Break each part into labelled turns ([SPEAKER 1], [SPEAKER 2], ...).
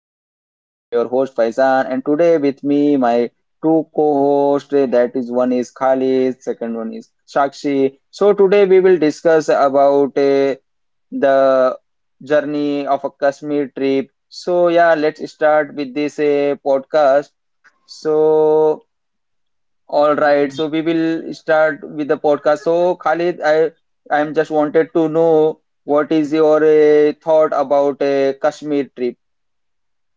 [SPEAKER 1] podcast. I am your host Faizan and today with me my two co-hosts that is one is Khalid, second one is Sakshi. So today we will discuss about the journey of a Kashmir trip. So yeah, let's start with this podcast. So all right, so we will start with the podcast. So Khalid, I am just wanted to know what is your thought about a Kashmir trip?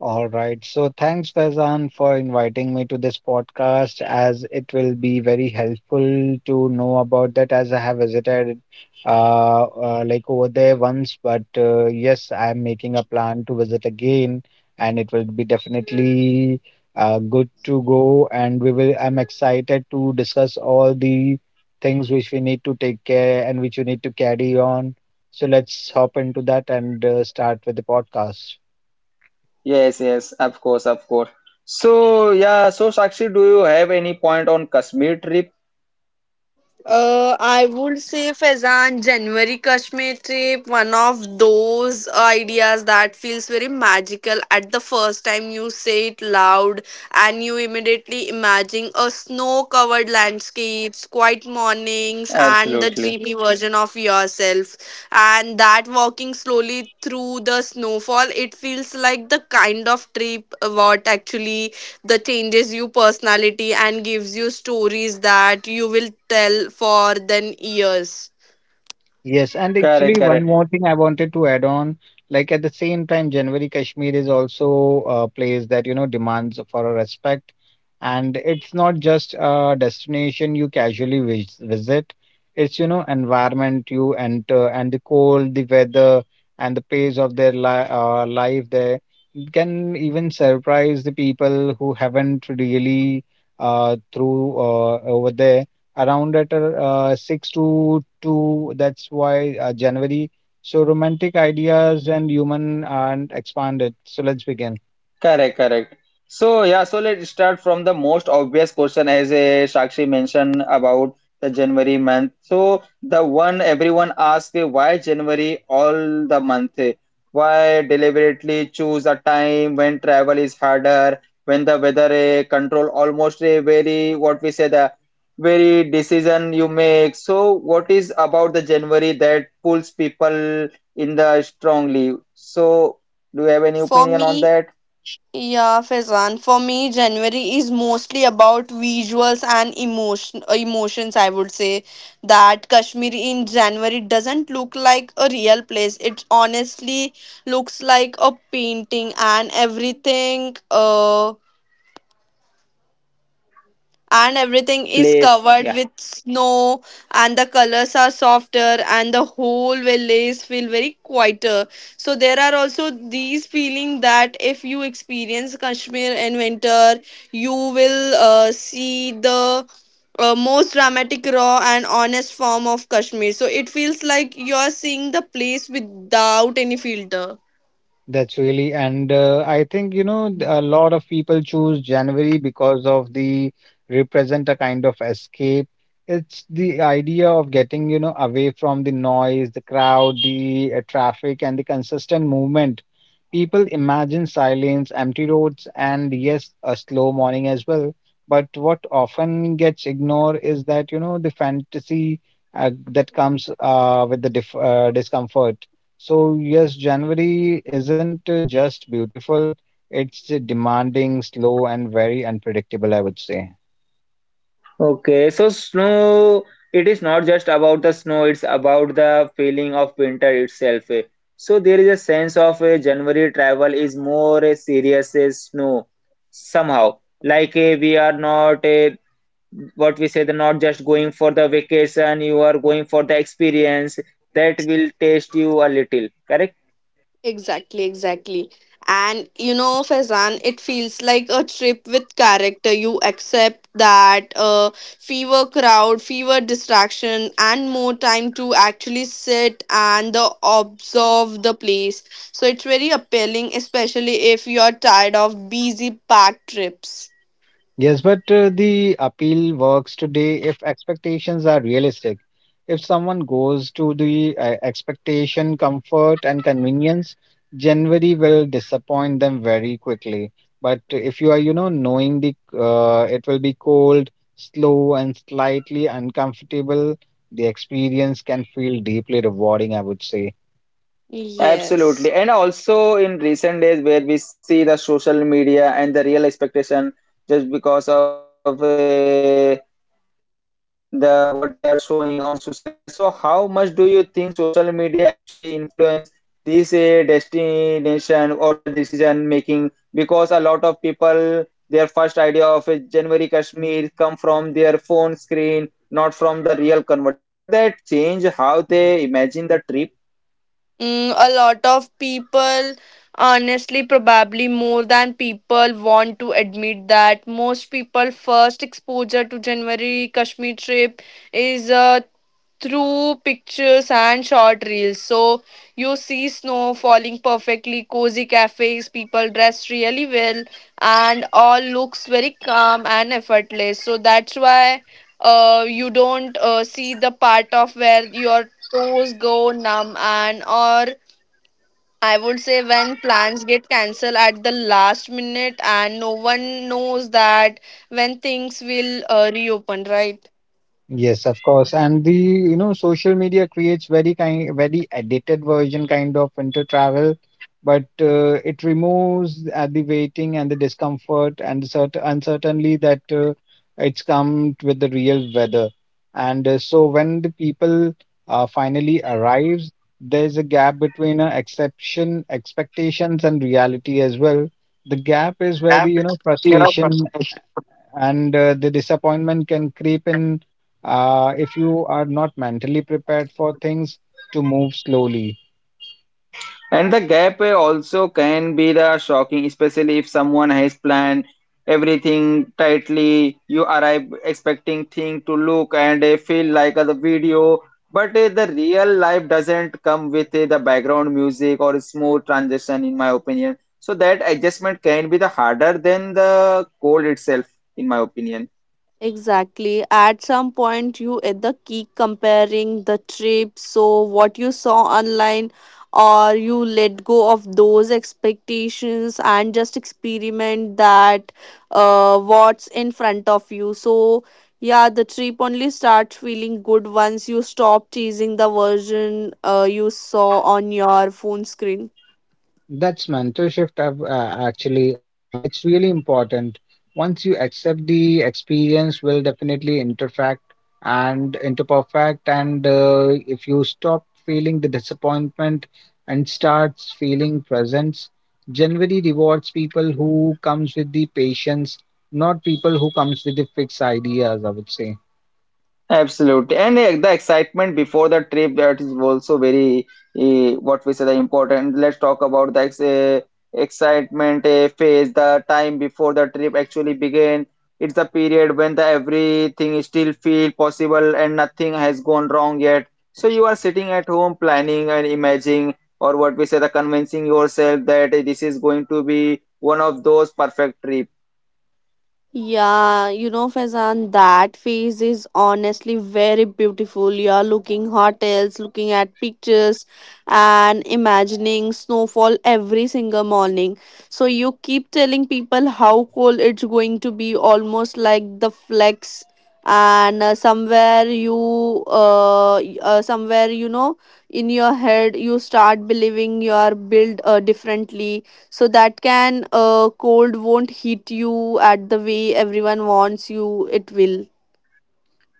[SPEAKER 2] All right. So thanks, Faizan, for inviting me to this podcast as it will be very helpful to know about that as I have visited like over there once, but yes, I am making a plan to visit again and it will be definitely good to go and we will I'm excited to discuss all the things which we need to take care and which you need to carry on. So let's hop into that and start with the podcast.
[SPEAKER 1] Yes, yes, of course, of course. So, yeah, so Sakshi, do you have any point on Kashmir trip?
[SPEAKER 3] I would say, Faizan, January Kashmir trip, one of those ideas that feels very magical at the first time you say it loud and you immediately imagine a snow covered landscapes, quiet mornings, and the
[SPEAKER 1] Absolutely.
[SPEAKER 3] dreamy version of yourself. And that walking slowly through the snowfall, it feels like the kind of trip what actually the changes you personality and gives you stories that you will tell for then years.
[SPEAKER 2] Yes, and
[SPEAKER 1] Correct,
[SPEAKER 2] actually one
[SPEAKER 1] correct.
[SPEAKER 2] more thing I wanted to add on, like at the same time, January Kashmir is also a place that, you know, demands for a respect. And it's not just a destination you casually visit. It's, you know, environment you enter and the cold, the weather, and the pace of their li life there can even surprise the people who haven't really through over there around at 6 to 2, that's why january so romantic ideas and human and expanded, so let's begin.
[SPEAKER 1] Correct, correct. So yeah, so let's start from the most obvious question as a Sakshi mentioned about the January month. So the one everyone asks, why January all the month? Why deliberately choose a time when travel is harder, when the weather control almost a very what we say the very decision you make. So what is about the January that pulls people in the strongly? So do you have any
[SPEAKER 3] For
[SPEAKER 1] opinion on
[SPEAKER 3] me,
[SPEAKER 1] that?
[SPEAKER 3] yeah, Faizan, for me, January is mostly about visuals and emotions, I would say. That Kashmir in January doesn't look like a real place, it honestly looks like a painting, and everything is
[SPEAKER 1] Place,
[SPEAKER 3] covered
[SPEAKER 1] yeah.
[SPEAKER 3] with snow. And the colors are softer and the whole village feel very quieter. So there are also these feeling that if you experience Kashmir in winter, you will see the most dramatic, raw and honest form of Kashmir. So it feels like you are seeing the place without any filter.
[SPEAKER 2] That's really, and I think, you know, a lot of people choose January because of the represent a kind of escape. It's the idea of getting, you know, away from the noise, the crowd, the traffic, and the consistent movement. People imagine silence, empty roads, and yes, a slow morning as well. But what often gets ignored is that, you know, the fantasy that comes with the dif discomfort. So, yes, January isn't just beautiful, it's demanding, slow, and very unpredictable, I would say.
[SPEAKER 1] Okay, so snow, it is not just about the snow, it's about the feeling of winter itself. So there is a sense of a January travel is more a serious as snow somehow, like we are not a what we say the not just going for the vacation, you are going for the experience that will taste you a little. Correct.
[SPEAKER 3] Exactly, exactly. And you know, Faizan, it feels like a trip with character. You accept that fewer crowd, fewer distraction, and more time to actually sit and the observe the place. So it's very appealing, especially if you're tired of busy packed trips.
[SPEAKER 2] Yes, but the appeal works today if expectations are realistic. If someone goes to the expectation, comfort, and convenience, January will disappoint them very quickly. But if you are, you know, knowing the it will be cold, slow, and slightly uncomfortable, the experience can feel deeply rewarding, I would say.
[SPEAKER 1] Absolutely.
[SPEAKER 3] Yes.
[SPEAKER 1] And also in recent days where we see the social media and the real expectation just because of the what we are showing on social media. So how much do you think social media actually influence this destination or the decision making? Because a lot of people, their first idea of a January Kashmir come from their phone screen, not from the real conversation. So do you think that change how they imagine the trip?
[SPEAKER 3] A lot of people, honestly, probably more than people want to admit that most people first exposure to January Kashmir trip is through pictures and short reels. So you see snow falling perfectly, cozy cafes, people dressed really well, and all looks very calm and effortless. So that's why you don't see the part of where your toes go numb and or I would say when plans get cancelled at the last minute and no one knows that when things will reopen, right?
[SPEAKER 2] Yes, of course. And the, you know, social media creates very kind, very edited version kind of winter travel, but it removes the waiting and the discomfort and the certain uncertainty that it's come with the real weather. And so when the people finally arrives, there's a gap between exception expectations and reality as well. The gap is where the, you know, frustration and the disappointment can creep in if you are not mentally prepared for things to move slowly.
[SPEAKER 1] And the gap also can be the shocking, especially if someone has planned everything tightly. You arrive expecting thing to look and feel like a the video, but the real life doesn't come with the background music or smooth transition, in my opinion. So that adjustment can be the harder than the code itself, in my opinion.
[SPEAKER 3] Exactly. At some point, you at the key comparing the trip, so what you saw online, or you let go of those expectations and just experiment that what's in front of you. So, yeah, the trip only starts feeling good once you stop chasing the version you saw on your phone screen.
[SPEAKER 2] That's mental shift. It's really important. Once you accept the experience, will definitely interfact and interperfect. And if you stop feeling the disappointment and starts feeling presence, January rewards people who comes with the patience, not people who comes with the fixed ideas. I would say.
[SPEAKER 1] Absolutely, and the excitement before the trip that is also very what we say the important. Let's talk about the excitement phase. The time before the trip actually begin. It's the period when the everything is still feel possible and nothing has gone wrong yet. So you are sitting at home planning and imagining, or what we say the convincing yourself that this is going to be one of those perfect trip.
[SPEAKER 3] Yeah, you know, Faizan, that face is honestly very beautiful. You're looking hotels, looking at pictures, and imagining snowfall every single morning. So you keep telling people how cold it's going to be, almost like the flex. And somewhere you know, in your head, you start believing you are built differently, so that can cold won't hit you at the way everyone wants you it will.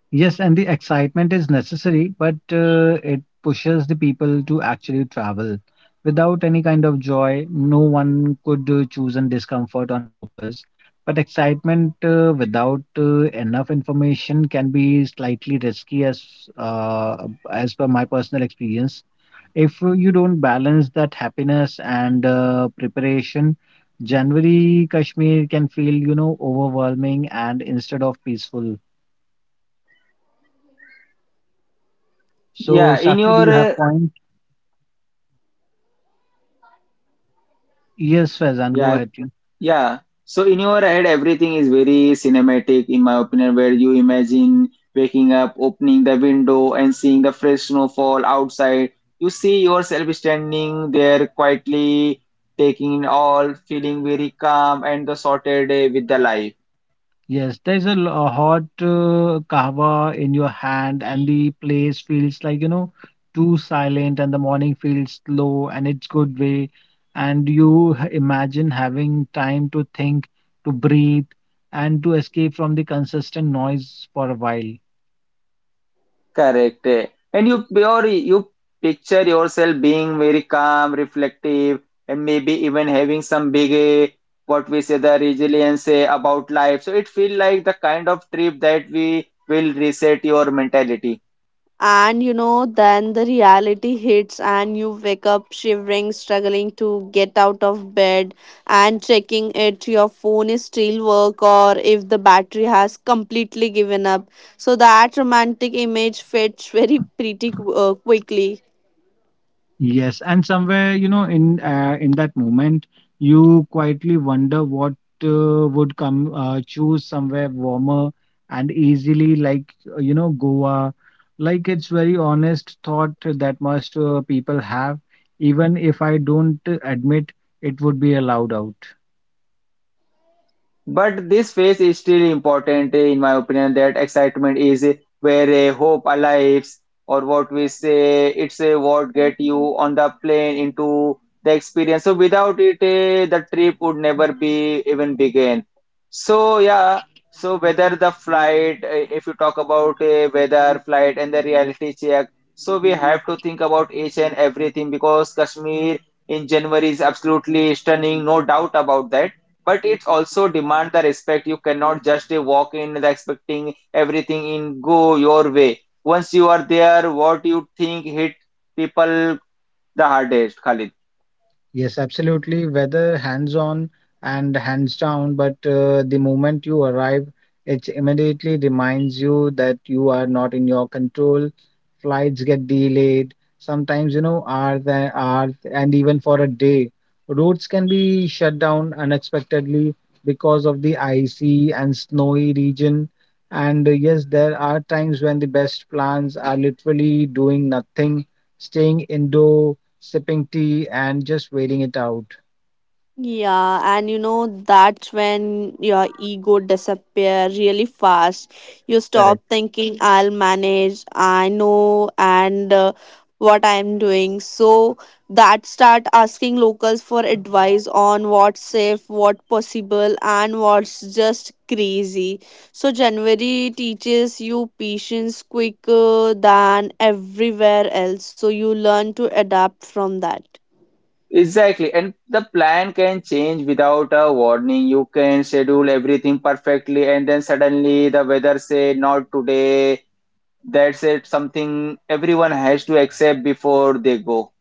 [SPEAKER 2] Yes, and the excitement is necessary, but it pushes the people to actually travel. Without any kind of joy, no one could choose and discomfort on purpose. But excitement without enough information can be slightly risky, uh, as per my personal experience. If you don't balance that happiness and preparation, January Kashmir can feel, you know, overwhelming and instead of peaceful. So,
[SPEAKER 1] Yeah, in
[SPEAKER 2] Saki, do
[SPEAKER 1] your
[SPEAKER 2] you have point? Yes, Faizan, go
[SPEAKER 1] yeah
[SPEAKER 2] ahead. Please.
[SPEAKER 1] yeah. So in your head, everything is very cinematic, in my opinion, where you imagine waking up, opening the window, and seeing the fresh snowfall outside. You see yourself standing there quietly, taking it all, feeling very calm and the sorted day with the life.
[SPEAKER 2] Yes, there's a, a hot kahwa in your hand, and the place feels like, you know, too silent, and the morning feels slow, and it's good way. And you imagine having time to think, to breathe, and to escape from the consistent noise for a while.
[SPEAKER 1] Correct. Eh. And you picture yourself being very calm, reflective, and maybe even having some big what we say the resilience about life. So it feel like the kind of trip that we will reset your mentality.
[SPEAKER 3] And you know then the reality hits and you wake up shivering, struggling to get out of bed and checking it your phone is still work or if the battery has completely given up. So that romantic image fades very pretty quickly.
[SPEAKER 2] Yes, and somewhere, you know, in that moment, you quietly wonder what would come. Choose somewhere warmer and easily, like you know, Goa. Like it's very honest thought that most people have. Even if I don't admit, it would be allowed out.
[SPEAKER 1] But this phase is still important, in my opinion, that excitement is where hope alives, or what we say, it's a what get you on the plane into the experience. So without it, the trip would never be even begin. So yeah, so whether the flight, if you talk about weather, flight, and the reality check, so we have to think about each and everything because Kashmir in January is absolutely stunning, no doubt about that, but it also demand the respect. You cannot just walk in expecting everything in go your way. Once you are there, what you think hit people the hardest, Khalid?
[SPEAKER 2] Yes, absolutely. Whether hands on and hands down, but the moment you arrive, it immediately reminds you that you are not in your control. Flights get delayed, sometimes, you know, are the are and even for a day. Routes can be shut down unexpectedly because of the icy and snowy region. And yes, there are times when the best plans are literally doing nothing, staying indoor sipping tea and just waiting it out.
[SPEAKER 3] Yeah, and you know that's when your ego disappear really fast. You stop
[SPEAKER 2] Correct.
[SPEAKER 3] thinking I'll manage, I know and what I'm doing. So that start asking locals for advice on what's safe, what possible and what's just crazy. So January teaches you patience quicker than everywhere else. So you learn to adapt from that.
[SPEAKER 1] Exactly, and the plan can change without a warning. You can schedule everything perfectly, and then suddenly the weather say not today. That's it. Something everyone has to accept before they go.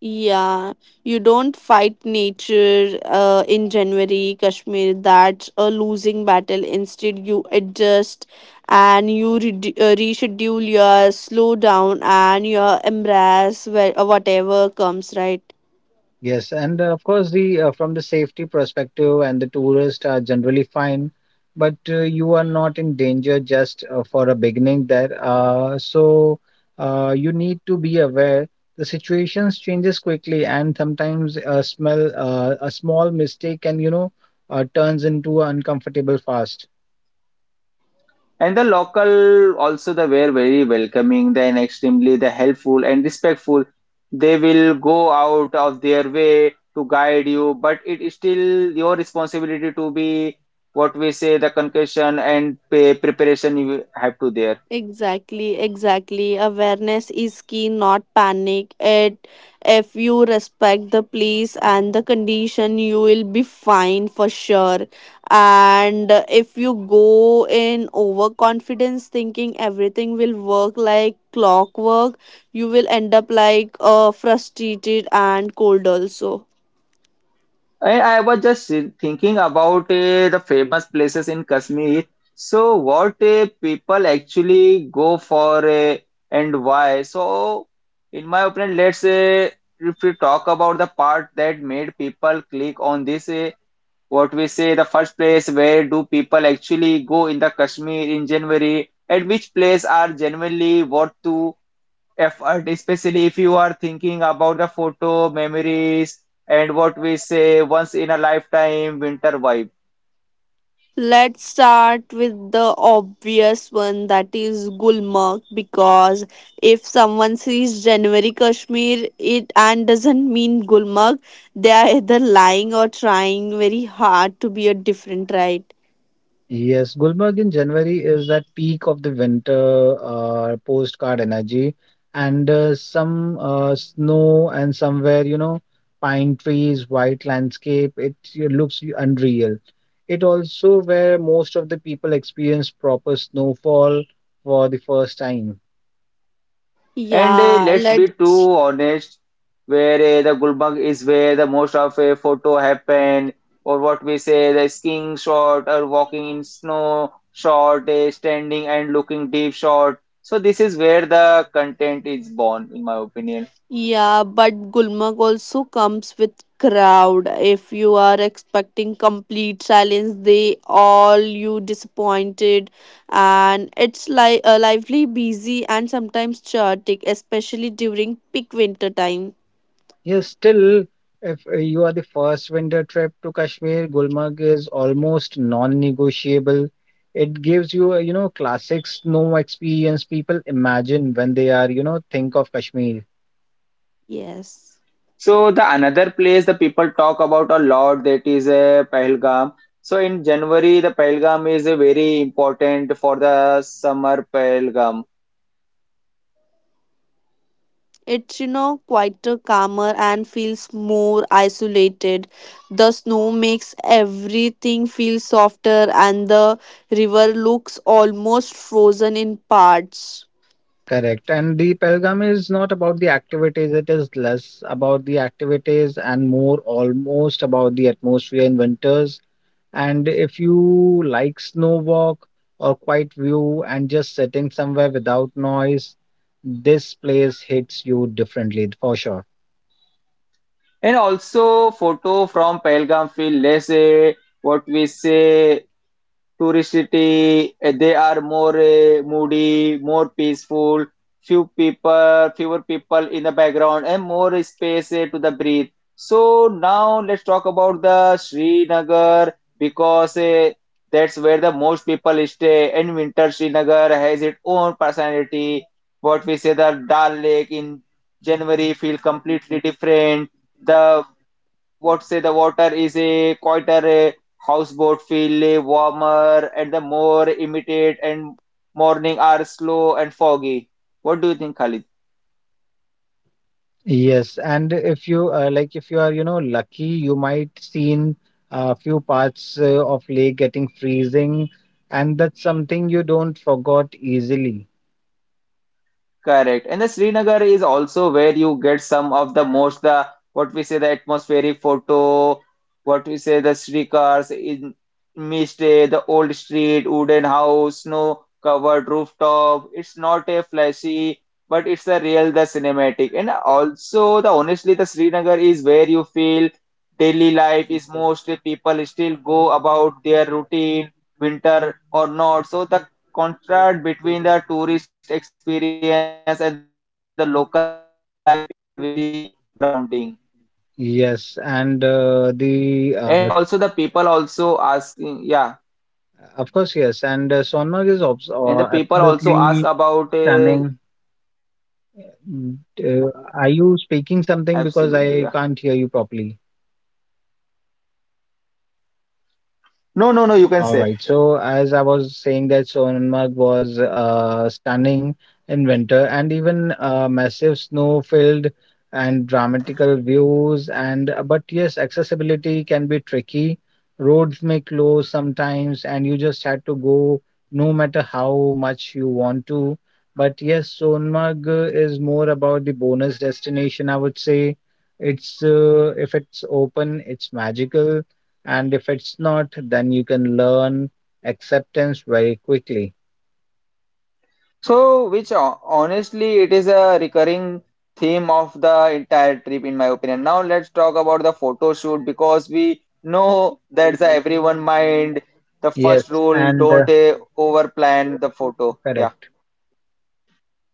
[SPEAKER 3] Yeah, you don't fight nature in January, Kashmir. That's a losing battle. Instead, you adjust and you reschedule your slow down and your embrace where, whatever comes, right?
[SPEAKER 2] Yes, and of course the from the safety perspective and the tourists are generally fine, but you are not in danger just for a beginning there. You need to be aware the situations changes quickly and sometimes a small mistake can you know turns into uncomfortable fast.
[SPEAKER 1] And the local also, they were very welcoming, then extremely the helpful and respectful. They will go out of their way to guide you, but it is still your responsibility to be what we say the concussion and preparation you have to there.
[SPEAKER 3] Exactly, exactly. Awareness is key, not panic. It, if you respect the place and the condition, you will be fine for sure. And if you go in overconfidence, thinking everything will work like clockwork, you will end up like frustrated and cold also.
[SPEAKER 1] I was just thinking about the famous places in Kashmir. So, what people actually go for and why? So, in my opinion, let's say if we talk about the part that made people click on this, what we say the first place where do people actually go in the Kashmir in January, and which place are genuinely worth to effort, especially if you are thinking about the photo, memories, and what we say once in a lifetime winter vibe.
[SPEAKER 3] Let's start with the obvious one, that is Gulmarg, because if someone sees January Kashmir it and doesn't mean Gulmarg, they are either lying or trying very hard to be a different, right?
[SPEAKER 2] Yes, Gulmarg in January is that peak of the winter postcard energy and some snow and somewhere, you know, pine trees, white landscape. Looks unreal. It also where most of the people experience proper snowfall for the first time.
[SPEAKER 1] And
[SPEAKER 3] Yeah,
[SPEAKER 1] let's be
[SPEAKER 3] let's.
[SPEAKER 1] too honest, where the Gulmarg is where the most of a photo happen, or what we say the skiing shot, or walking in snow shot, standing and looking deep shot. So this is where the content is born, in my opinion.
[SPEAKER 3] Yeah, but Gulmarg also comes with crowd. If you are expecting complete silence, they all you disappointed. And it's like lively, busy, and sometimes chaotic, especially during peak winter time.
[SPEAKER 2] Yes, still, if you are the first winter trip to Kashmir, Gulmarg is almost non-negotiable. It gives you, a, you know, classic snow experience people imagine when they are, you know, think of Kashmir.
[SPEAKER 3] Yes.
[SPEAKER 1] So the another place the people talk about a lot that is a Pahalgam. So in January the Pahalgam is a very important for the summer Pahalgam.
[SPEAKER 3] It's, you know, quieter, calmer, and feels more isolated. The snow makes everything feel softer, and the river looks almost frozen in parts.
[SPEAKER 2] Correct. And the Pelgam is not about the activities, it is less about the activities and more almost about the atmosphere in winters. And if you like snow walk or quiet view and just sitting somewhere without noise, this place hits you differently for sure.
[SPEAKER 1] And also photo from Pahalgam feel less a, what we say, touristy. They are more moody, more peaceful. Few people, fewer people in the background, and more space to the breathe. So now let's talk about the Srinagar because that's where the most people stay. And winter Srinagar has its own personality. What we say the Dal Lake in January feel completely different. The what say the water is a quieter a houseboat feel a warmer and the more immediate and morning are slow and foggy. What do you think, Khalid?
[SPEAKER 2] Yes, and if you like, if you are, you know, lucky, you might seen a few parts of lake getting freezing, and that's something you don't forgot easily.
[SPEAKER 1] Correct. And the Srinagar is also where you get some of the most the what we say the atmospheric photo, what we say the streetcars in mist, the old street, wooden house, snow covered rooftop. It's not a flashy, but it's a real the cinematic. And also the honestly the Srinagar is where you feel daily life is mostly people still go about their routine, winter or not. So the contrast between the tourist experience and the local life are very grounding.
[SPEAKER 2] Yes, and the
[SPEAKER 1] And also the people also ask, yeah,
[SPEAKER 2] of course, yes, and Sonmarg is
[SPEAKER 1] and the people also ask
[SPEAKER 2] absolutely
[SPEAKER 1] about
[SPEAKER 2] stunning. Mm, uh, Are you speaking something because
[SPEAKER 1] absolutely,
[SPEAKER 2] I
[SPEAKER 1] yeah.
[SPEAKER 2] can't hear you properly?
[SPEAKER 1] No, no,
[SPEAKER 2] All
[SPEAKER 1] no, you
[SPEAKER 2] right.
[SPEAKER 1] can say.
[SPEAKER 2] So as I was saying that Sonmarg was stunning in winter and even massive snow-filled and dramatical views and but yes, accessibility can be tricky. Roads may close sometimes and you just had to go no matter how much you want to. But yes, Sonmarg is more about the bonus destination, I would say. It's if it's open, it's magical and if it's not, then you can learn acceptance very quickly.
[SPEAKER 1] So, which honestly, it is a recurring theme of the entire trip, in my opinion. Now, let's talk about the photo shoot because we know that's a everyone mind. The
[SPEAKER 2] Yes,
[SPEAKER 1] first rule,
[SPEAKER 2] and
[SPEAKER 1] don't over plan the photo. Yeah.
[SPEAKER 2] correct.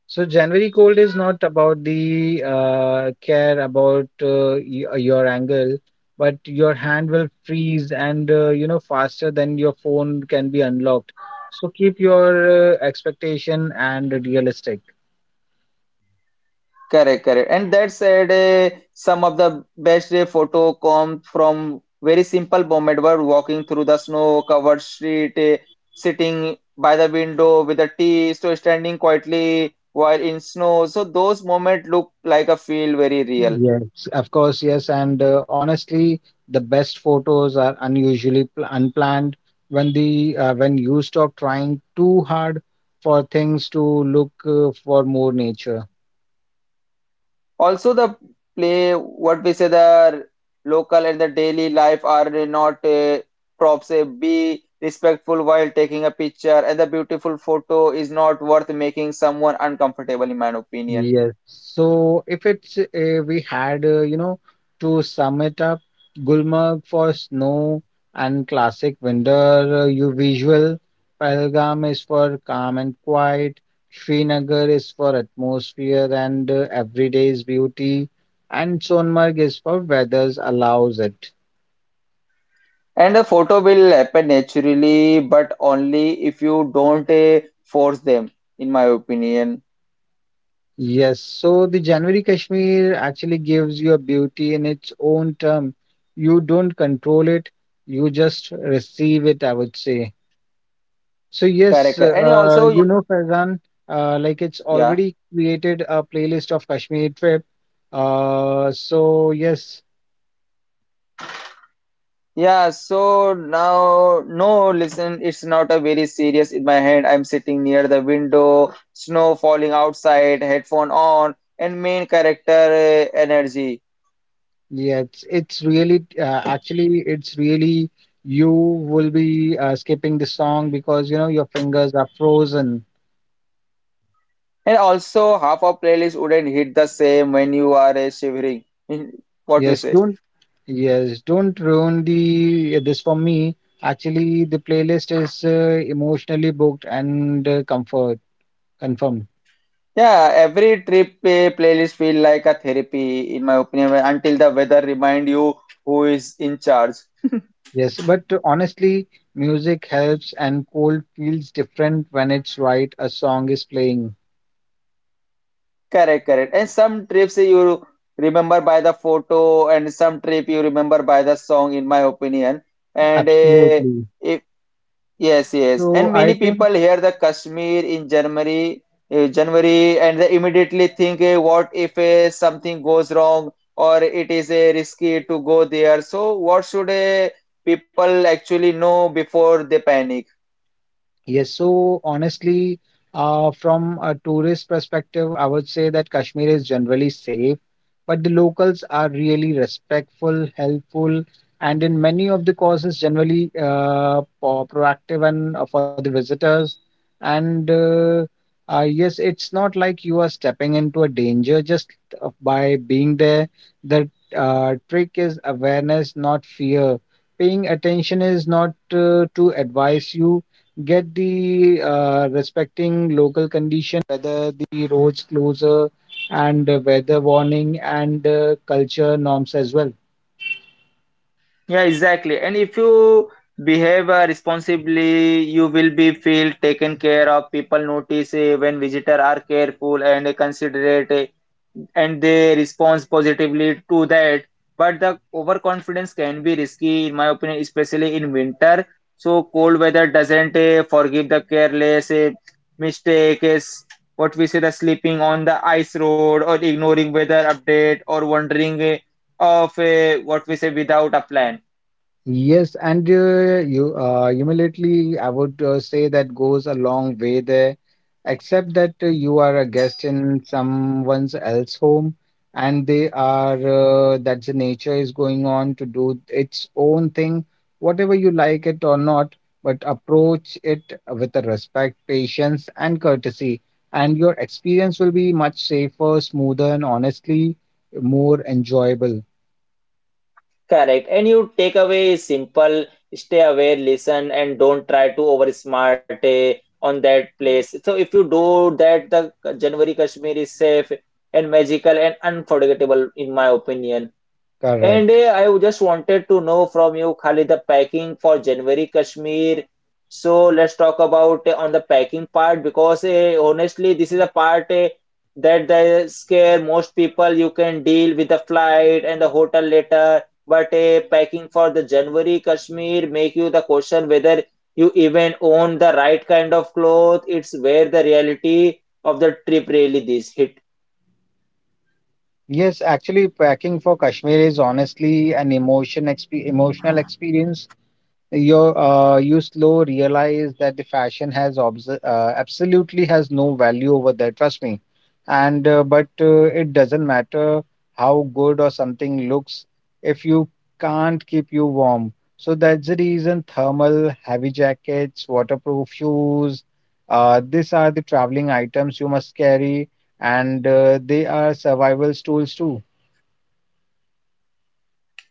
[SPEAKER 2] So January cold is not about the care about your angle, but your hand will freeze and you know faster than your phone can be unlocked. So keep your expectation and realistic.
[SPEAKER 1] Correct, correct. And that said, some of the best photo come from very simple moment where walking through the snow-covered street, sitting by the window with a tea, so standing quietly while in snow. So those moments look like a feel very real.
[SPEAKER 2] Yes, of course, yes. And honestly, the best photos are unusually unplanned when the when you stop trying too hard for things to look for more nature.
[SPEAKER 1] Also, the play, what we say, the local and the daily life are not props. Be respectful while taking a picture, and the beautiful photo is not worth making someone uncomfortable, in my opinion.
[SPEAKER 2] Yes. So if it's we had you know to sum it up, Gulmarg for snow and classic winter you visual, Pahalgam is for calm and quiet, Srinagar is for atmosphere and everyday's beauty, and Sonmarg is for weather's allows it.
[SPEAKER 1] And the photo will happen naturally, but only if you don't force them, in my opinion.
[SPEAKER 2] Yes, so the January Kashmir actually gives you a beauty in its own term. You don't control it, you just receive it, I would say. So, yes,
[SPEAKER 1] Correct. And also,
[SPEAKER 2] you know, Faizan, like it's
[SPEAKER 1] yeah.
[SPEAKER 2] already created a playlist of Kashmir trip. Uh, so yes,
[SPEAKER 1] Yeah, so now, no, listen, it's not a very serious in my hand. I'm sitting near the window, snow falling outside, headphone on, and main character energy.
[SPEAKER 2] yes, it's really actually it's really you will be skipping the song because you know your fingers are frozen.
[SPEAKER 1] And also, half a playlist wouldn't hit the same when you are shivering. What you
[SPEAKER 2] Yes,
[SPEAKER 1] say?
[SPEAKER 2] don't Yes, don't ruin the yeah, this for me. Actually, the playlist is emotionally booked and comfort confirmed.
[SPEAKER 1] Yeah, every trip playlist feel like a therapy, in my opinion, until the weather remind you who is in charge.
[SPEAKER 2] Yes, but honestly, music helps and cold feels different when it's right. A song is playing.
[SPEAKER 1] Correct, correct. And some trips you remember by the photo, and some trip you remember by the song, in my opinion. And
[SPEAKER 2] Absolutely.
[SPEAKER 1] if yes, yes.
[SPEAKER 2] So
[SPEAKER 1] And many
[SPEAKER 2] I think
[SPEAKER 1] people hear the Kashmir in January, January, and they immediately think, what if something goes wrong or it is risky to go there? So, what should people actually know before they panic?
[SPEAKER 2] yes, so honestly, from a tourist perspective, I would say that Kashmir is generally safe, but the locals are really respectful, helpful, and in many of the causes, generally proactive and for the visitors. And yes, it's not like you are stepping into a danger just by being there. The trick is awareness, not fear. Paying attention is not to advise you get the respecting local condition, whether the roads closer and the weather warning and culture norms as well.
[SPEAKER 1] Yeah, exactly. And if you behave responsibly, you will be feel taken care of. People notice when visitor are careful and considerate, and they respond positively to that. But the overconfidence can be risky, in my opinion, especially in winter. So cold weather doesn't forgive the careless mistake. Is what we say the sleeping on the ice road or ignoring weather update or wandering of what we say without a plan.
[SPEAKER 2] Yes, and you immediately I would say that goes a long way there, except that you are a guest in someone else's home and they are that the nature is going on to do its own thing, whatever you like it or not, but approach it with a respect, patience, and courtesy, and your experience will be much safer, smoother, and honestly more enjoyable.
[SPEAKER 1] Correct. And your takeaway is simple. Stay aware, listen, and don't try to oversmart on that place. So if you do that, the January Kashmir is safe and magical and unforgettable, in my opinion. And
[SPEAKER 2] Correct.
[SPEAKER 1] I would just wanted to know from you, Khalid, the packing for January Kashmir. So let's talk about on the packing part because honestly, this is a part that they scare most people. You can deal with the flight and the hotel later, but packing for the January Kashmir make you the question whether you even own the right kind of clothes. It's where the reality of the trip really this hit.
[SPEAKER 2] Yes, actually, packing for Kashmir is honestly an emotional experience. You slow realize that the fashion has absolutely has no value over there, trust me. And but it doesn't matter how good or something looks if you can't keep you warm, so that's the reason, thermal, heavy jackets, waterproof shoes, these are the traveling items you must carry. And they are survival tools too.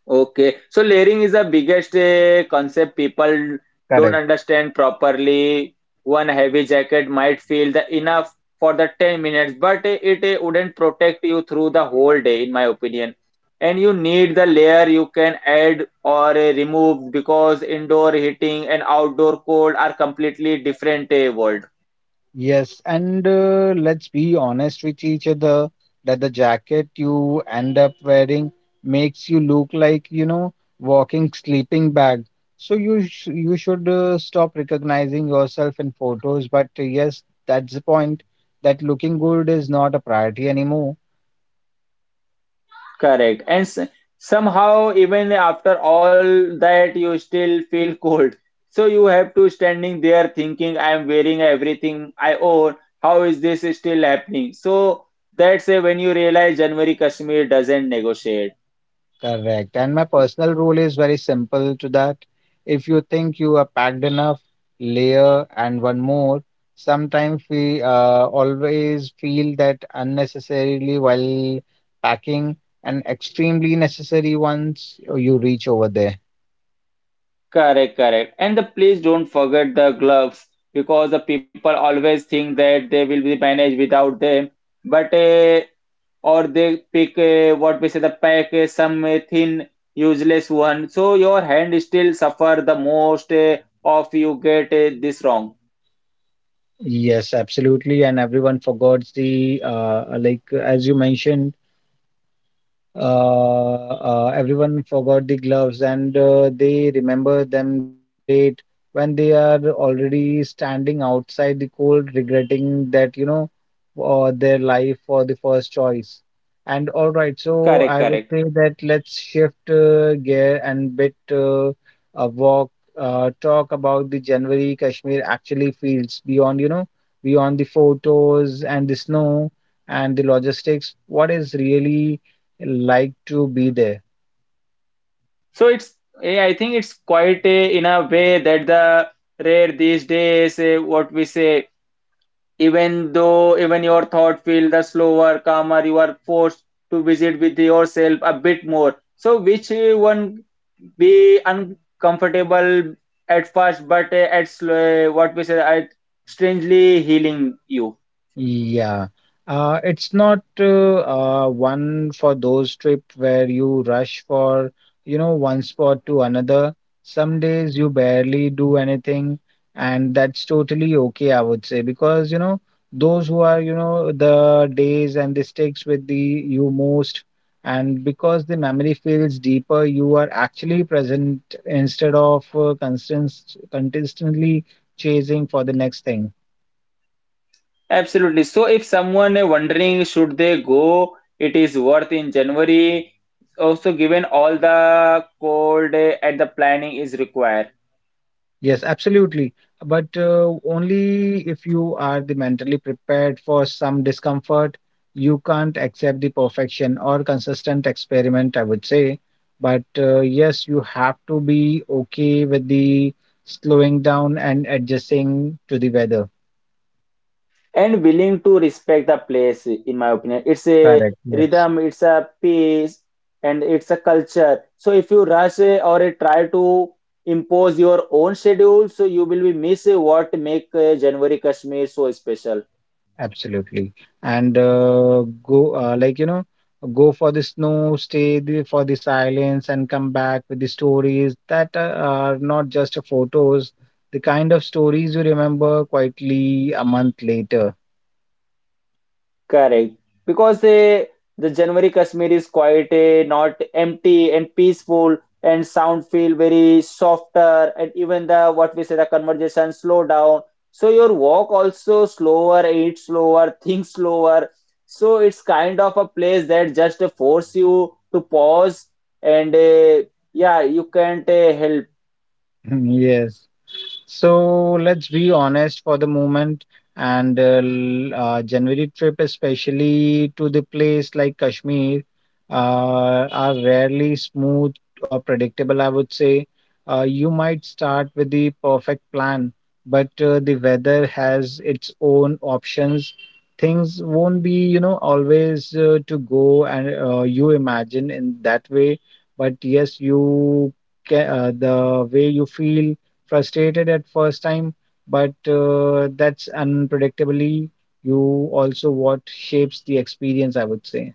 [SPEAKER 1] Okay, so layering is the biggest concept people don't
[SPEAKER 2] Correct.
[SPEAKER 1] understand properly. One heavy jacket might feel the enough for the 10 minutes, but it wouldn't protect you through the whole day, in my opinion. And you need the layer you can add or remove because indoor heating and outdoor cold are completely different world.
[SPEAKER 2] Yes, and let's be honest with each other that the jacket you end up wearing makes you look like, walking sleeping bag. So you should stop recognizing yourself in photos, but yes, that's the point that looking good is not a priority anymore.
[SPEAKER 1] Correct. And somehow, even after all that, you still feel cold. So you have to standing there thinking, I am wearing everything I own. How is this still happening? So that's when you realize January Kashmir doesn't negotiate.
[SPEAKER 2] Correct. And my personal rule is very simple to that. If you think you are packed enough, layer and one more. Sometimes we always feel that unnecessarily while packing, and extremely necessary once you reach over there.
[SPEAKER 1] Correct, correct. And the please don't forget the gloves because the people always think that they will be managed without them. But or they pick what we say the pack some thin useless one, so your hand still suffer the most of you get this wrong.
[SPEAKER 2] Yes, absolutely. And everyone forgets like, as you mentioned, everyone forgot the gloves. And they remember them too late when they are already standing outside the cold, regretting that, you know, their life for the first choice. And all right, so
[SPEAKER 1] Correct,
[SPEAKER 2] I would
[SPEAKER 1] correct.
[SPEAKER 2] say that let's shift gear and bit a walk, talk about the January Kashmir actually feels beyond, you know, beyond the photos and the snow and the logistics. What is really like to be there.
[SPEAKER 1] So it's, yeah, I think it's quite in a way that the rare these days what we say. Even though even your thought feel the slower, calmer, you are forced to visit with yourself a bit more. So which one be uncomfortable at first, but at slow, what we say, at strangely healing you.
[SPEAKER 2] Yeah. It's not one for those trip where you rush for, you know, one spot to another. Some days you barely do anything, and that's totally okay, I would say, because, you know, those who are, you know, the days and the sticks with the you most, and because the memory feels deeper, you are actually present instead of consistently chasing for the next thing.
[SPEAKER 1] Absolutely. So if someone wondering should they go, it is worth in January. Also, given all the cold at the planning is required.
[SPEAKER 2] Yes, absolutely. But only if you are the mentally prepared for some discomfort, you can't accept the perfection or consistent experiment, I would say. But yes, you have to be okay with the slowing down and adjusting to the weather.
[SPEAKER 1] And willing to respect the place, in my opinion. It's a
[SPEAKER 2] Correct. Yes.
[SPEAKER 1] rhythm, it's a pace, and it's a culture. So if you rush or try to impose your own schedule, so you will be miss what make January Kashmir so special.
[SPEAKER 2] Absolutely. And like, you know, go for the snow, stay for the silence, and come back with the stories that are not just photos, the kind of stories you remember quietly a month later.
[SPEAKER 1] Correct. Because the January Kashmir is quite not empty and peaceful, and sound feel very softer, and even the what we say the conversation slow down. So your walk also slower, eat slower, think slower. So it's kind of a place that just force you to pause and yeah, you can't help.
[SPEAKER 2] Yes. So let's be honest for the moment. And January trip, especially to the place like Kashmir, are rarely smooth or predictable, I would say. You might start with the perfect plan, but the weather has its own options. Things won't be, you know, always to go and you imagine in that way. But yes, the way you feel frustrated at first time, but that's unpredictably you also what shapes the experience, I would say.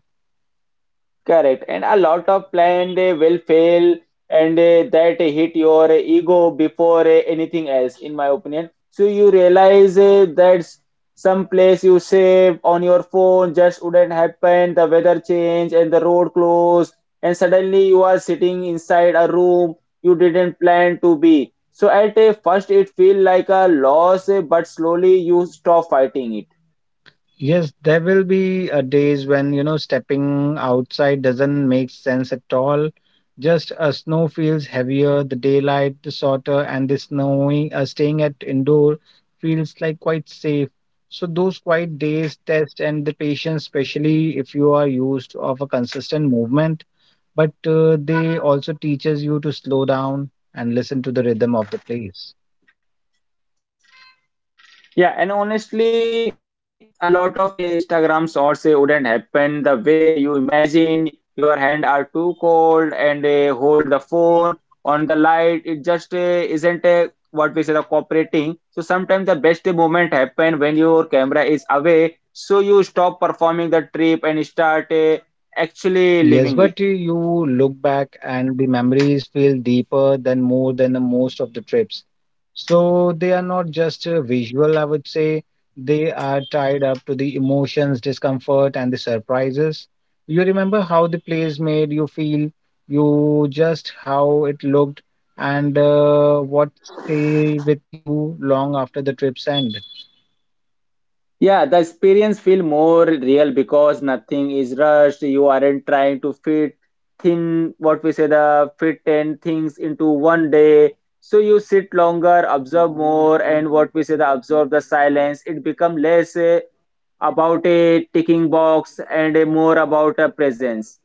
[SPEAKER 1] Correct. And a lot of plan they will fail and that hit your ego before anything else, in my opinion. So you realize that some place you save on your phone just wouldn't happen, the weather change and the road close, and suddenly you are sitting inside a room you didn't plan to be. So at first it feel like a loss, but slowly you stop fighting it.
[SPEAKER 2] Yes, there will be days when, you know, stepping outside doesn't make sense at all. Just a snow feels heavier, the daylight, the shorter, and staying at indoor feels like quite safe. So those quiet days test and the patience, especially if you are used of a consistent movement. But they also teaches you to slow down and listen to the rhythm of the place.
[SPEAKER 1] Yeah, and honestly, a lot of Instagram shots wouldn't happen the way you imagine. Your hand are too cold and hold the phone on the light. It just isn't what we say the cooperating. So sometimes the best moment happen when your camera is away. So you stop performing the trip and start actually
[SPEAKER 2] Yes,
[SPEAKER 1] living it.
[SPEAKER 2] but you look back and the memories feel deeper than more than the most of the trips. So they are not just visual, I would say. They are tied up to the emotions, discomfort, and the surprises. You remember how the place made you feel, you just how it looked, and what stay with you long after the trip's end.
[SPEAKER 1] Yeah, the experience feel more real because nothing is rushed. You aren't trying to fit thin what we say the fit ten things into one day. So you sit longer, observe more, and what we say the observe the silence. It become less about a ticking box and more about a presence.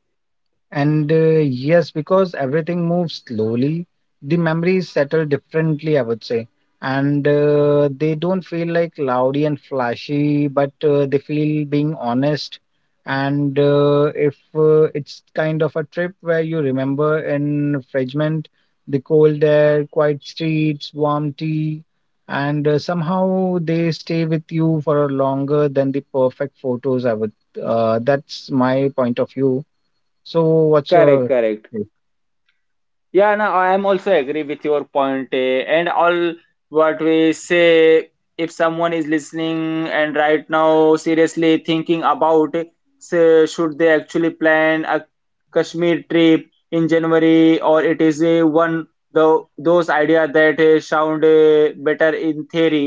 [SPEAKER 2] And yes, because everything moves slowly, the memories settle differently, I would say. And they don't feel like loudy and flashy, but they feel being honest. And if it's kind of a trip where you remember enfranchisement, the cold air, quiet streets, warm tea, and somehow they stay with you for longer than the perfect photos, I would. That's my point of view, so what's
[SPEAKER 1] Correct,
[SPEAKER 2] your
[SPEAKER 1] correct.
[SPEAKER 2] take?
[SPEAKER 1] Yeah, no, I am also agree with your point, and all what we say. If someone is listening and right now seriously thinking about, say, should they actually plan a Kashmir trip in January, or it is a one the those idea that sound better in theory,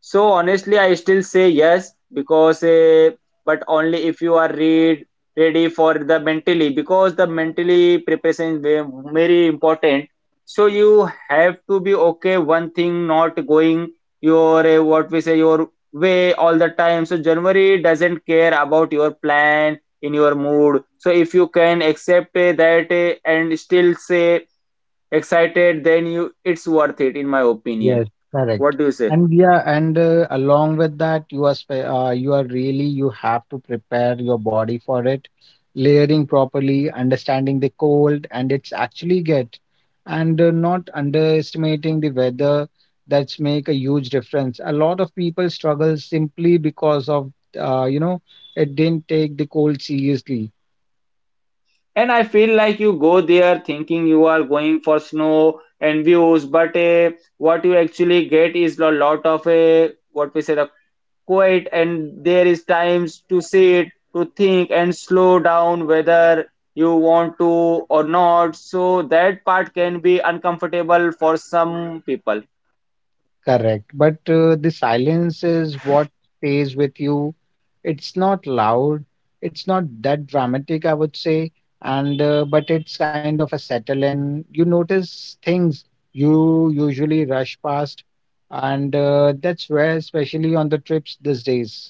[SPEAKER 1] so honestly, I still say yes because, but only if you are ready for the mentally because the mentally preparation is very important. So you have to be okay. One thing not going your what we say your way all the time. So January doesn't care about your plan in your mood. So if you can accept that and still say excited, then you it's worth it in my opinion.
[SPEAKER 2] Yes, correct.
[SPEAKER 1] What do you say?
[SPEAKER 2] And yeah, and along with that, you are really you have to prepare your body for it, layering properly, understanding the cold and its actually get, and not underestimating the weather. That's make a huge difference. A lot of people struggle simply because of you know it didn't take the cold seriously.
[SPEAKER 1] And I feel like you go there thinking you are going for snow and views, but what you actually get is a lot of what we say the quiet, and there is times to sit, to think, and slow down whether you want to or not. So that part can be uncomfortable for some people.
[SPEAKER 2] Correct. But the silence is what stays with you. It's not loud. It's not that dramatic, I would say. And but it's kind of a settle in. You notice things you usually rush past, and that's where, especially on the trips these days.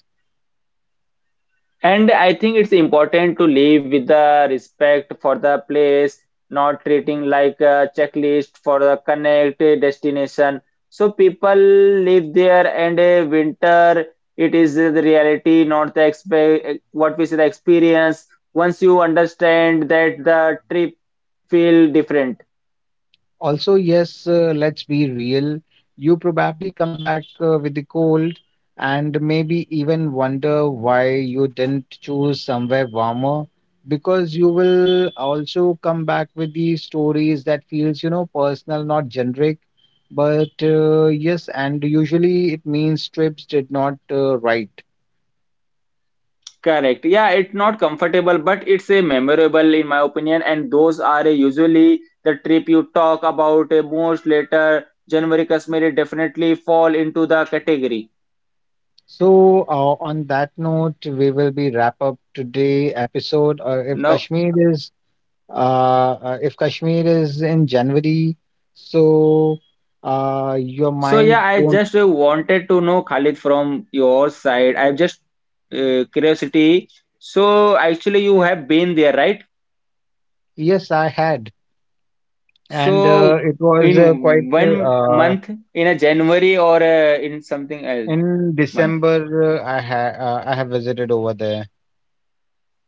[SPEAKER 1] And I think it's important to live with the respect for the place, not treating like a checklist for the connect destination. So people live there and winter, it is the reality, not the what we say the experience. Once you understand that the trip feel different.
[SPEAKER 2] Also, yes, let's be real. You probably come back with the cold and maybe even wonder why you didn't choose somewhere warmer, because you will also come back with the stories that feels, you know, personal, not generic. But yes, and usually it means trips did not write.
[SPEAKER 1] Correct. Yeah, it's not comfortable, but it's a memorable in my opinion, and those are a usually the trip you talk about a most later. January Kashmir definitely fall into the category.
[SPEAKER 2] So on that note, we will be wrap up today episode.
[SPEAKER 1] No.
[SPEAKER 2] Uh, if Kashmir is in January, so your
[SPEAKER 1] So
[SPEAKER 2] mind
[SPEAKER 1] yeah, I
[SPEAKER 2] don't.
[SPEAKER 1] just wanted to know Khalid from your side. I just curiosity. So actually you have been there, right?
[SPEAKER 2] Yes, I had, and it
[SPEAKER 1] So
[SPEAKER 2] was quite
[SPEAKER 1] in one month in a January or in something else
[SPEAKER 2] in
[SPEAKER 1] month?
[SPEAKER 2] December. I have visited over there.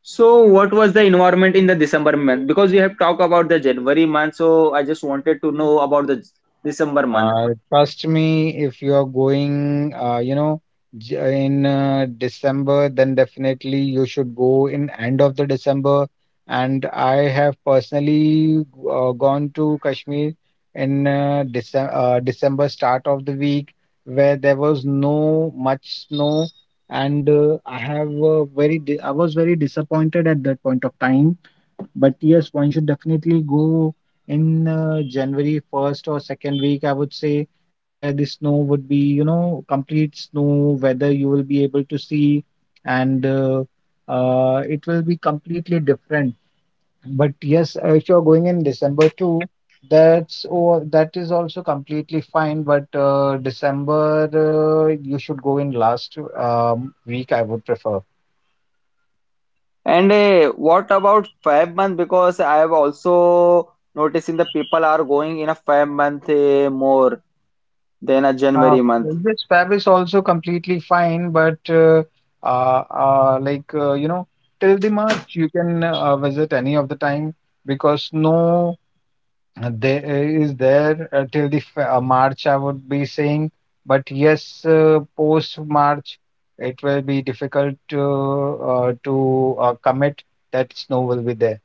[SPEAKER 1] So, what was the environment in the December month? Because we have talked about the January month, so I just wanted to know about the December month.
[SPEAKER 2] Trust me, if you are going, you know, in December, then definitely you should go in end of the December. And I have personally gone to Kashmir in December, start of the week where there was no much snow, and I have very di I was very disappointed at that point of time. But yes, one should definitely go in January 1st or second week, I would say, where the snow would be, you know, complete snow weather you will be able to see, and it will be completely different. But yes, if you're going in December too, that is also completely fine. But December, you should go in last week, I would prefer.
[SPEAKER 1] And what about Feb month? Because I have also noticing the people are going in a Feb month more than a
[SPEAKER 2] Uh,
[SPEAKER 1] January month.
[SPEAKER 2] yes, Fab is also completely fine, but like you know, till the March you can visit any of the time, because no there is there till the f March, I would be saying, but yes, post March it will be difficult to commit that snow will be there.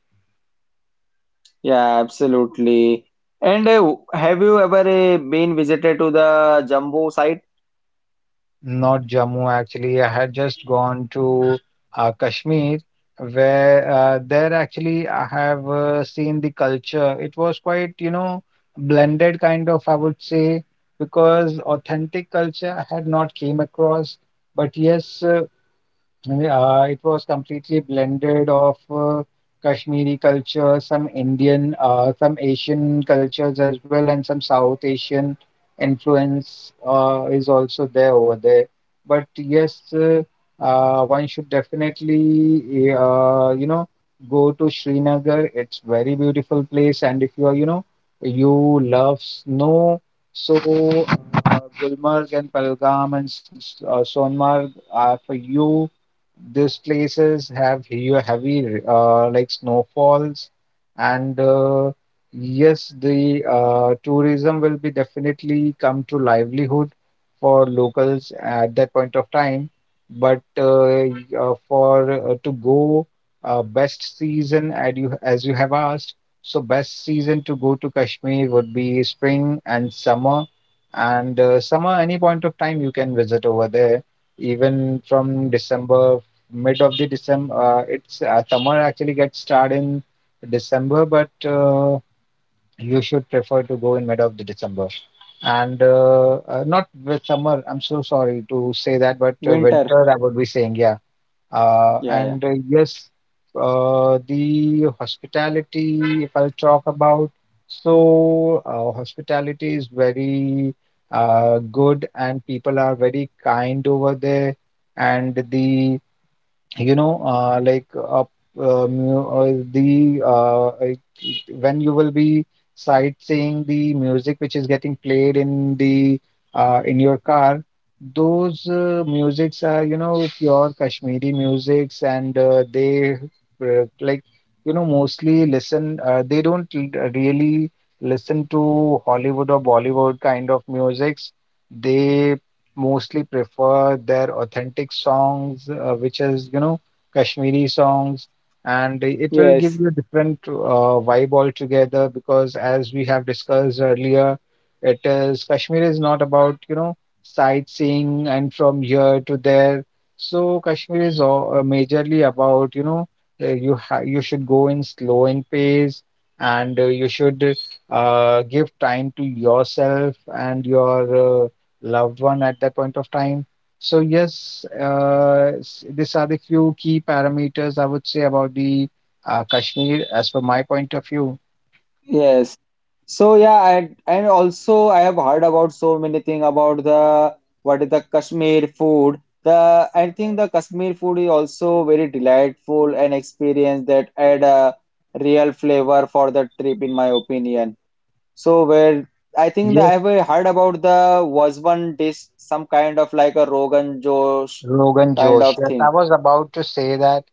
[SPEAKER 1] Yeah, absolutely. And have you ever been visited to the Jambu site?
[SPEAKER 2] Not Jammu actually. I had just gone to Kashmir, where there actually I have seen the culture. It was quite, you know, blended kind of, I would say, because authentic culture I had not came across. But yes, it was completely blended of Kashmiri culture, some Indian, some Asian cultures as well, and some South Asian influence is also there over there. But yes, one should definitely, you know, go to Srinagar. It's very beautiful place, and if you are, you know, you love snow, so Gulmarg and Pahalgam and Sonmarg are for you. These places have heavy like snowfalls, and yes, the tourism will be definitely come to livelihood for locals at that point of time. But y- for to go best season, as you have asked, so best season to go to Kashmir would be spring and summer. And summer, any point of time you can visit over there, even from December mid of the December. It's summer actually gets started in December, but you should prefer to go in mid of the December. And not with summer. I'm so sorry to say that, but
[SPEAKER 1] Winter.
[SPEAKER 2] winter I would be saying, yeah.
[SPEAKER 1] Yeah, yeah.
[SPEAKER 2] And Yes, the hospitality. If I'll talk about, so hospitality is very good, and people are very kind over there, and the you know uh, mu- uh, the uh, I- when you will be sightseeing, the music which is getting played in the in your car, those musics are, you know, pure Kashmiri musics. And they like, you know, mostly listen, they don't really listen to Hollywood or Bollywood kind of musics. They mostly prefer their authentic songs, which is, you know, Kashmiri songs. And it will give
[SPEAKER 1] Yes,
[SPEAKER 2] you a different vibe altogether because, as we have discussed earlier, it is Kashmir is not about, you know, sightseeing and from here to there. So Kashmir is all, majorly about, you know, you should go in slow in pace, and you should give time to yourself and your loved one at that point of time. So yes, these are the few key parameters I would say about the Kashmir as per my point of view.
[SPEAKER 1] yes. So yeah, I and also I have heard about so many thing about the what is the Kashmir food. The I think the Kashmir food is also very delightful and experience that add a real flavor for the trip in my opinion. So where I think that
[SPEAKER 2] Yes.
[SPEAKER 1] I have heard about the was one dish, some kind of like a Rogan Josh
[SPEAKER 2] Rogan
[SPEAKER 1] kind
[SPEAKER 2] Josh.
[SPEAKER 1] of
[SPEAKER 2] Yes, I
[SPEAKER 1] thing.
[SPEAKER 2] was about to say that.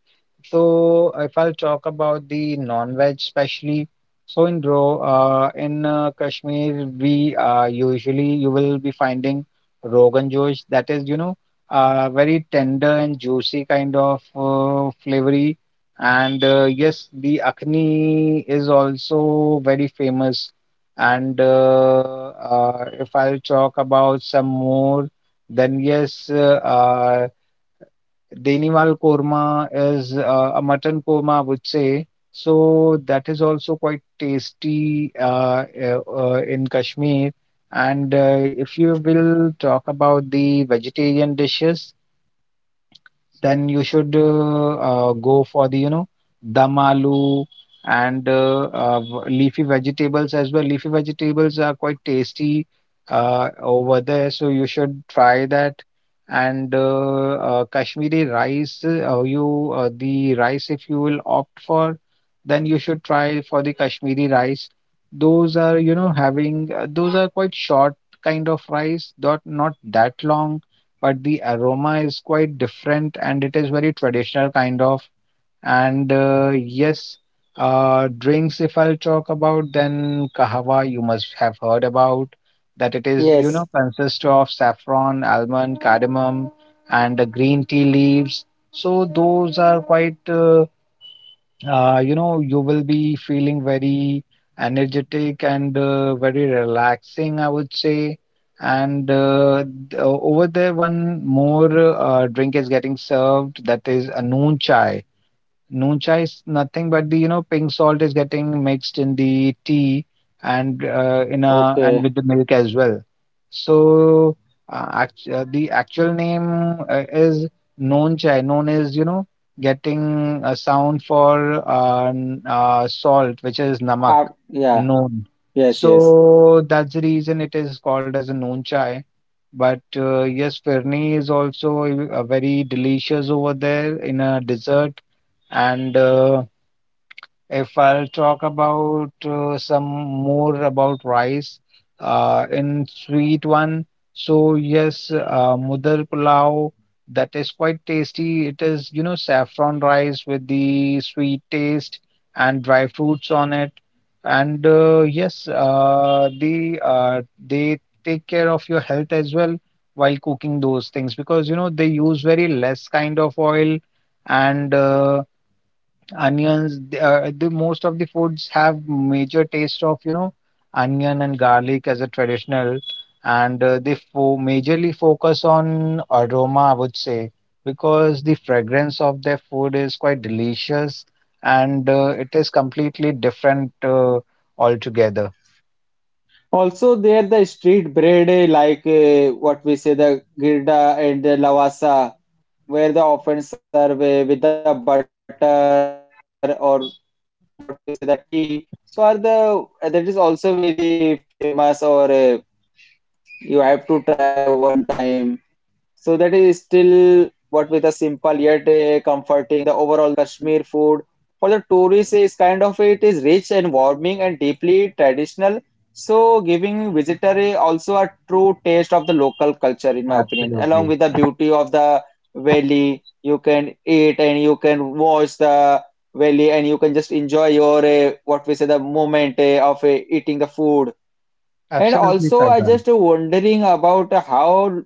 [SPEAKER 2] So if I'll talk about the non-veg especially, so in Kashmir, we usually you will be finding Rogan Josh. That is, you know, very tender and juicy kind of flavory. And yes, the Akhni is also very famous. And If I'll talk about some more, then uh, Danimal korma is a mutton korma, I would say. So that is also quite tasty in Kashmir. And if you will talk about the vegetarian dishes, then you should go for the dum aloo and leafy vegetables as well. Leafy vegetables are quite tasty over there, so you should try that. And Kashmiri rice, you the rice if you will opt for, then you should try for the Kashmiri rice. Those are, you know, having those are quite short kind of rice, not that long, but the aroma is quite different and it is very traditional kind of. And yes, drinks, if I'll talk about, then kahawa you must have heard about, that it is, you
[SPEAKER 1] Yes.
[SPEAKER 2] know, consists of saffron, almond, cardamom, and green tea leaves. So those are quite, you know, you will be feeling very energetic and very relaxing, I would say. And uh, Over there, one more drink is getting served, that is a noon chai. Noon is nothing but the, you know, pink salt is getting mixed in the tea and in a and
[SPEAKER 1] Okay.
[SPEAKER 2] with the milk as well. So the actual name is noon chai. Noon is, you know, getting a sound for salt, which is namak,
[SPEAKER 1] Yeah.
[SPEAKER 2] noon.
[SPEAKER 1] Yes. Yes.
[SPEAKER 2] So that's the reason it is called as a noon chai. But yes, Firni is also a very delicious over there in a dessert, and if I'll talk about some more about rice in sweet one, so yes, mudar pulao, that is quite tasty. It is, you know, saffron rice with the sweet taste and dry fruits on it. And they take care of your health as well while cooking those things, because you know they use very less kind of oil, and onions, the most of the foods have major taste of, you know, onion and garlic as a traditional, and majorly focus on aroma, I would say, because the fragrance of their food is quite delicious and it is completely different altogether.
[SPEAKER 1] Also, there the street bread, like what we say the girda and the lavasa, where the often serve with the butter or what we say the tea. So are the that is also very famous, or you have to try one time. So that is still what with the simple yet comforting. The overall the Kashmir food for the tourists is kind of it is rich and warming and deeply traditional. So giving visitor also a true taste of the local culture, in my opinion, along with the beauty of
[SPEAKER 2] Absolutely.
[SPEAKER 1] the valley. You can eat and you can watch the valley and you can just enjoy your what we say the moment of eating the food. And
[SPEAKER 2] Absolutely,
[SPEAKER 1] also, I
[SPEAKER 2] Faizan.
[SPEAKER 1] just wondering about how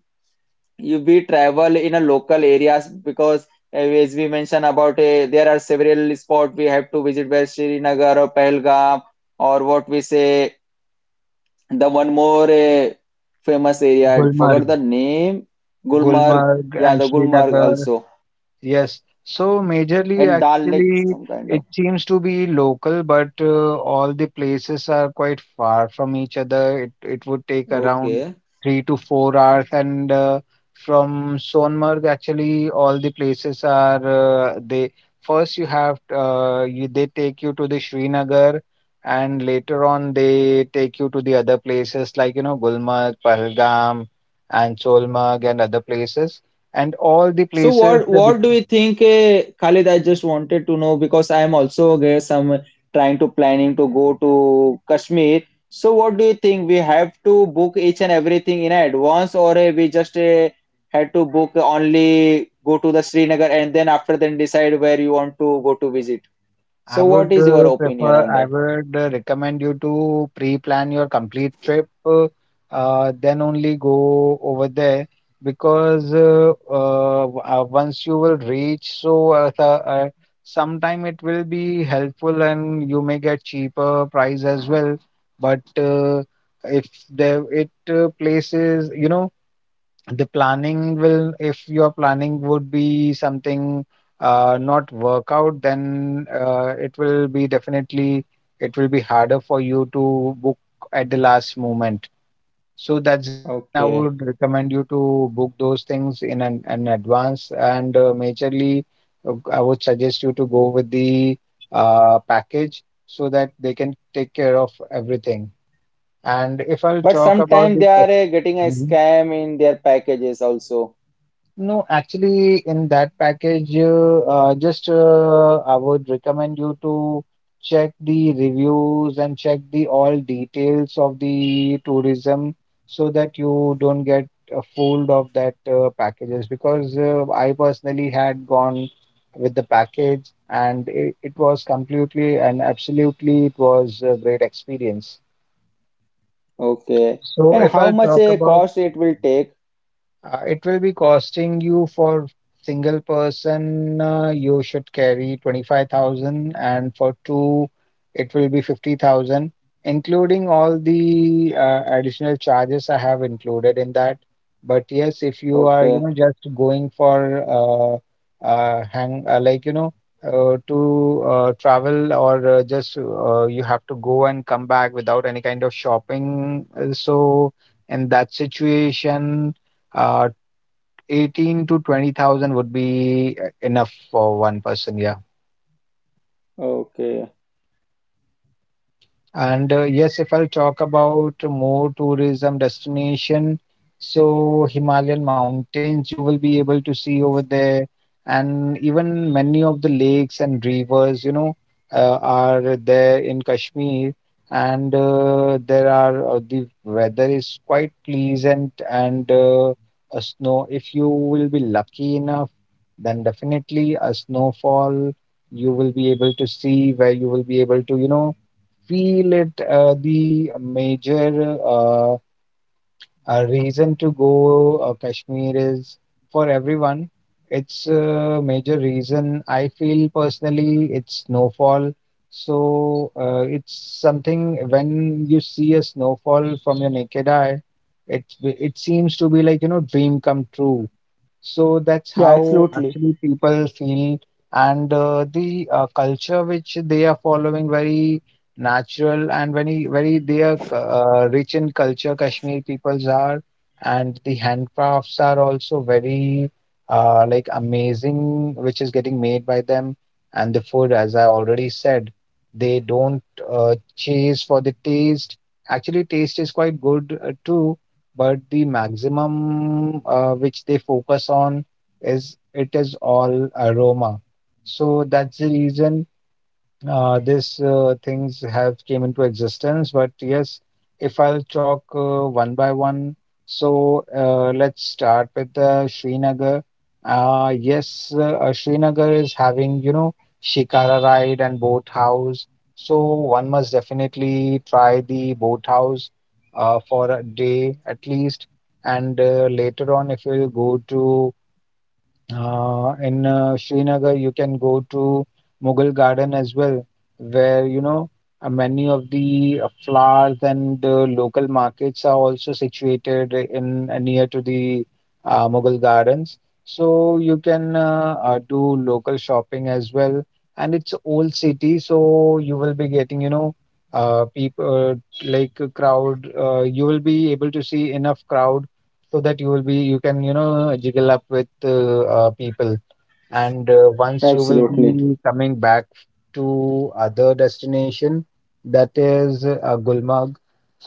[SPEAKER 1] you we travel in a local areas because as we mentioned about there are several spot we have to visit where Srinagar or Pahalgam or what we say the one more famous area. I
[SPEAKER 2] Gulmarg.
[SPEAKER 1] forgot the name. Gulmarg,
[SPEAKER 2] Gulmarg
[SPEAKER 1] yeah,
[SPEAKER 2] and
[SPEAKER 1] the Gulmarg
[SPEAKER 2] Srinagar.
[SPEAKER 1] also,
[SPEAKER 2] Yes. So majorly,
[SPEAKER 1] and Dal Lake,
[SPEAKER 2] actually,
[SPEAKER 1] some kind of.
[SPEAKER 2] it seems to be local, but all the places are quite far from each other. It would take around
[SPEAKER 1] Okay.
[SPEAKER 2] three to four hours, and from Sonmarg, actually, all the places are they first they take you to the Srinagar, and later on they take you to the other places like, you know, Gulmarg, Pahalgam, and Solmarg, and other places, and all the
[SPEAKER 1] So
[SPEAKER 2] places
[SPEAKER 1] what what do you think, Khalid? I just wanted to know because I am also some trying to planning to go to Kashmir. So what do you think? We have to book each and everything in advance, or we just had to book only go to the Srinagar and then after then decide where you want to go to visit.
[SPEAKER 2] I
[SPEAKER 1] So what
[SPEAKER 2] would
[SPEAKER 1] is your opinion
[SPEAKER 2] prefer,
[SPEAKER 1] on
[SPEAKER 2] I
[SPEAKER 1] that?
[SPEAKER 2] would recommend you to pre-plan your complete trip, then only go over there, because once you will reach, so sometime it will be helpful and you may get cheaper price as well. But if the it places, you know, the planning will if your planning would be something not work out, then it will be definitely, it will be harder for you to book at the last moment. So that's the reason I
[SPEAKER 1] Okay,
[SPEAKER 2] would recommend you to book those things in an advance, and majorly I would suggest you to go with the package so that they can take care of everything. And if I'll
[SPEAKER 1] but
[SPEAKER 2] talk about
[SPEAKER 1] sometimes
[SPEAKER 2] the
[SPEAKER 1] they are
[SPEAKER 2] cus-
[SPEAKER 1] getting a scam in their packages also.
[SPEAKER 2] no, actually, in that package, just I would recommend you to check the reviews and check the all details of the tourism, so that you don't get fooled of that packages. Because I personally had gone with the package, and it was completely and absolutely, it was a great experience.
[SPEAKER 1] Okay,
[SPEAKER 2] So
[SPEAKER 1] and
[SPEAKER 2] if
[SPEAKER 1] how
[SPEAKER 2] I'll
[SPEAKER 1] much
[SPEAKER 2] talk
[SPEAKER 1] a
[SPEAKER 2] about.
[SPEAKER 1] cost it will take?
[SPEAKER 2] It will be costing you for single person, you should carry 25,000, and for two, it will be 50,000, including all the additional charges I have included in that. But yes, if you are, you
[SPEAKER 1] Okay.
[SPEAKER 2] know, just going for like, you know, to travel, or just you have to go and come back without any kind of shopping. So in that situation, uh, 18 to 20,000 would be enough for one person. Yeah.
[SPEAKER 1] Okay.
[SPEAKER 2] And yes, if I'll talk about more tourism destination, so Himalayan mountains you will be able to see over there, and even many of the lakes and rivers, you know, are there in Kashmir. And the weather is quite pleasant, and a snow. If you will be lucky enough, then definitely a snowfall you will be able to see, where you will be able to, you know, feel it. The major reason to go Kashmir is for everyone. It's a major reason. I feel personally, it's snowfall. So it's something. When you see a snowfall from your naked eye, it seems to be like, you know, dream come true. So that's
[SPEAKER 1] Yeah,
[SPEAKER 2] how
[SPEAKER 1] absolutely.
[SPEAKER 2] actually people feel, and the culture which they are following, very natural and very they are rich in culture, Kashmir peoples are. And the handcrafts are also very like amazing, which is getting made by them. And the food, as I already said, they don't chase for the taste. Actually, taste is quite good too, but the maximum which they focus on is, it is all aroma. So that's the reason these things have came into existence. But yes, if I'll talk one by one, so let's start with Srinagar. Uh, yes, uh, Srinagar is having, you know, Shikara ride and boat house. So one must definitely try the boat house for a day at least. And later on, if you go to in Srinagar, you can go to Mughal Garden as well, where, you know, many of the flowers and local markets are also situated in near to the Mughal Gardens. So you can do local shopping as well, and it's old city, so you will be getting, you know, people like a crowd. You will be able to see enough crowd, so that you will be, you can, you know, jiggle up with people. And once you will
[SPEAKER 1] Absolutely.
[SPEAKER 2] be coming back to other destination, that is Gulmarg.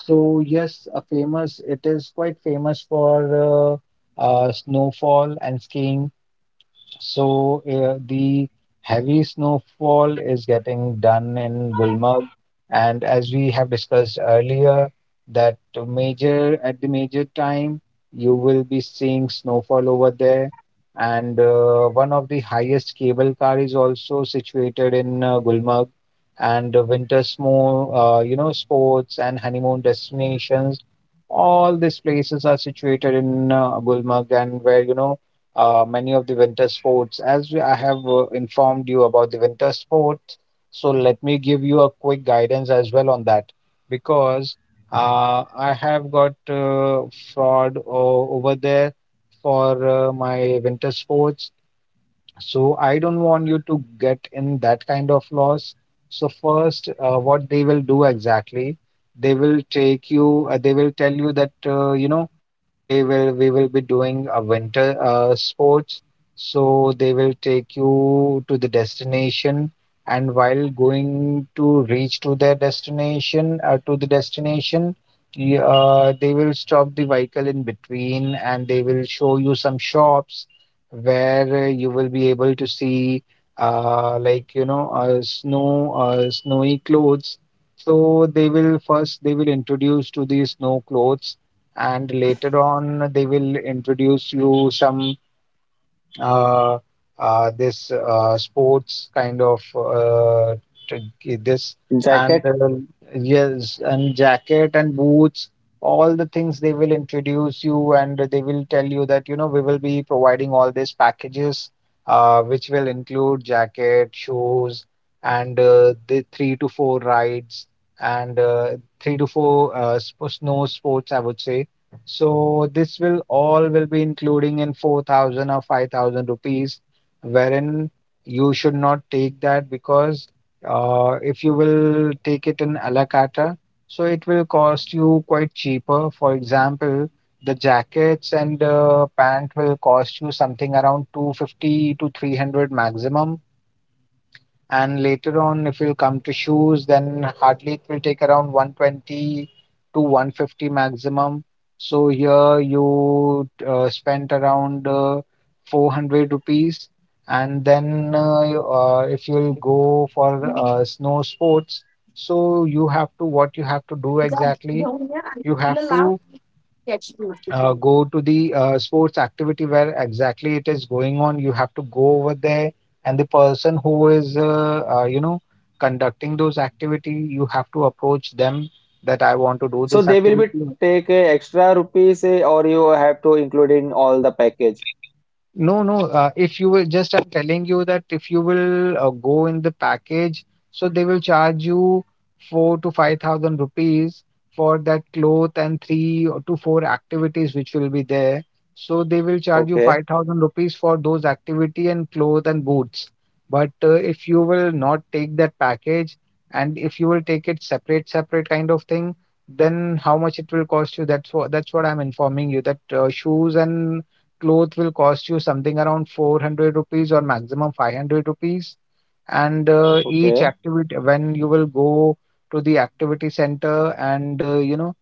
[SPEAKER 2] So yes, a famous, it is quite famous for uh, snowfall and skiing. So the heavy snowfall is getting done in Gulmarg, and as we have discussed earlier, that major at the major time, you will be seeing snowfall over there, and one of the highest cable car is also situated in Gulmarg, and winter snow, you know, sports and honeymoon destinations. All these places are situated in Gulmarg, and where, you know, many of the winter sports. I have informed you about the winter sports, so let me give you a quick guidance as well on that, because I have got fraud over there for my winter sports. So I don't want you to get in that kind of loss. So first, what they will do exactly, they will take they will tell you that, you know, today will, we will be doing a winter sports. So they will take you to the destination, and while going to reach to their destination, to the destination, they will stop the vehicle in between, and they will show you some shops where you will be able to see like, you know, snowy clothes. So they will first, they will introduce to the snow clothes, and later on they will introduce you some uh, this sports kind of this. And
[SPEAKER 1] Jacket.
[SPEAKER 2] yes, and jacket and boots, all the things they will introduce you, and they will tell you that, you know, we will be providing all these packages, which will include jacket, shoes, and the three to four rides, and three to four snow sports, I would say. So this will all will be including in 4,000 or 5,000 rupees, wherein you should not take that, because if you will take it in a la carte, so it will cost you quite cheaper. For example, the jackets and pant will cost you something around 250 to 300 maximum, and later on, if you'll come to shoes, then hardly it will take around 120 to 150 maximum. So here you spent around 400 rupees. And then if you'll go for snow sports, so you have to, what you have to do exactly, you have to go to the sports activity where exactly it is going on. You have to go over there, and the person who is conducting those activity, you have to approach them that I want to do
[SPEAKER 1] So
[SPEAKER 2] this
[SPEAKER 1] they will be
[SPEAKER 2] activity.
[SPEAKER 1] take a extra rupees or you have to include in all the package.
[SPEAKER 2] No, no. If you will just, I'm telling you that if you will go in the package, so they will charge you four to five thousand rupees for that cloth and three or to four activities which will be there. So they will charge you
[SPEAKER 1] Okay.
[SPEAKER 2] 5,000 rupees for those activity and cloth and boots. But if you will not take that package and if you will take it separate, separate kind of thing, then how much it will cost you? That's what I'm informing you that shoes and cloth will cost you something around 400 rupees or maximum 500 rupees. And each
[SPEAKER 1] Okay.
[SPEAKER 2] activity, when you will go to the activity center and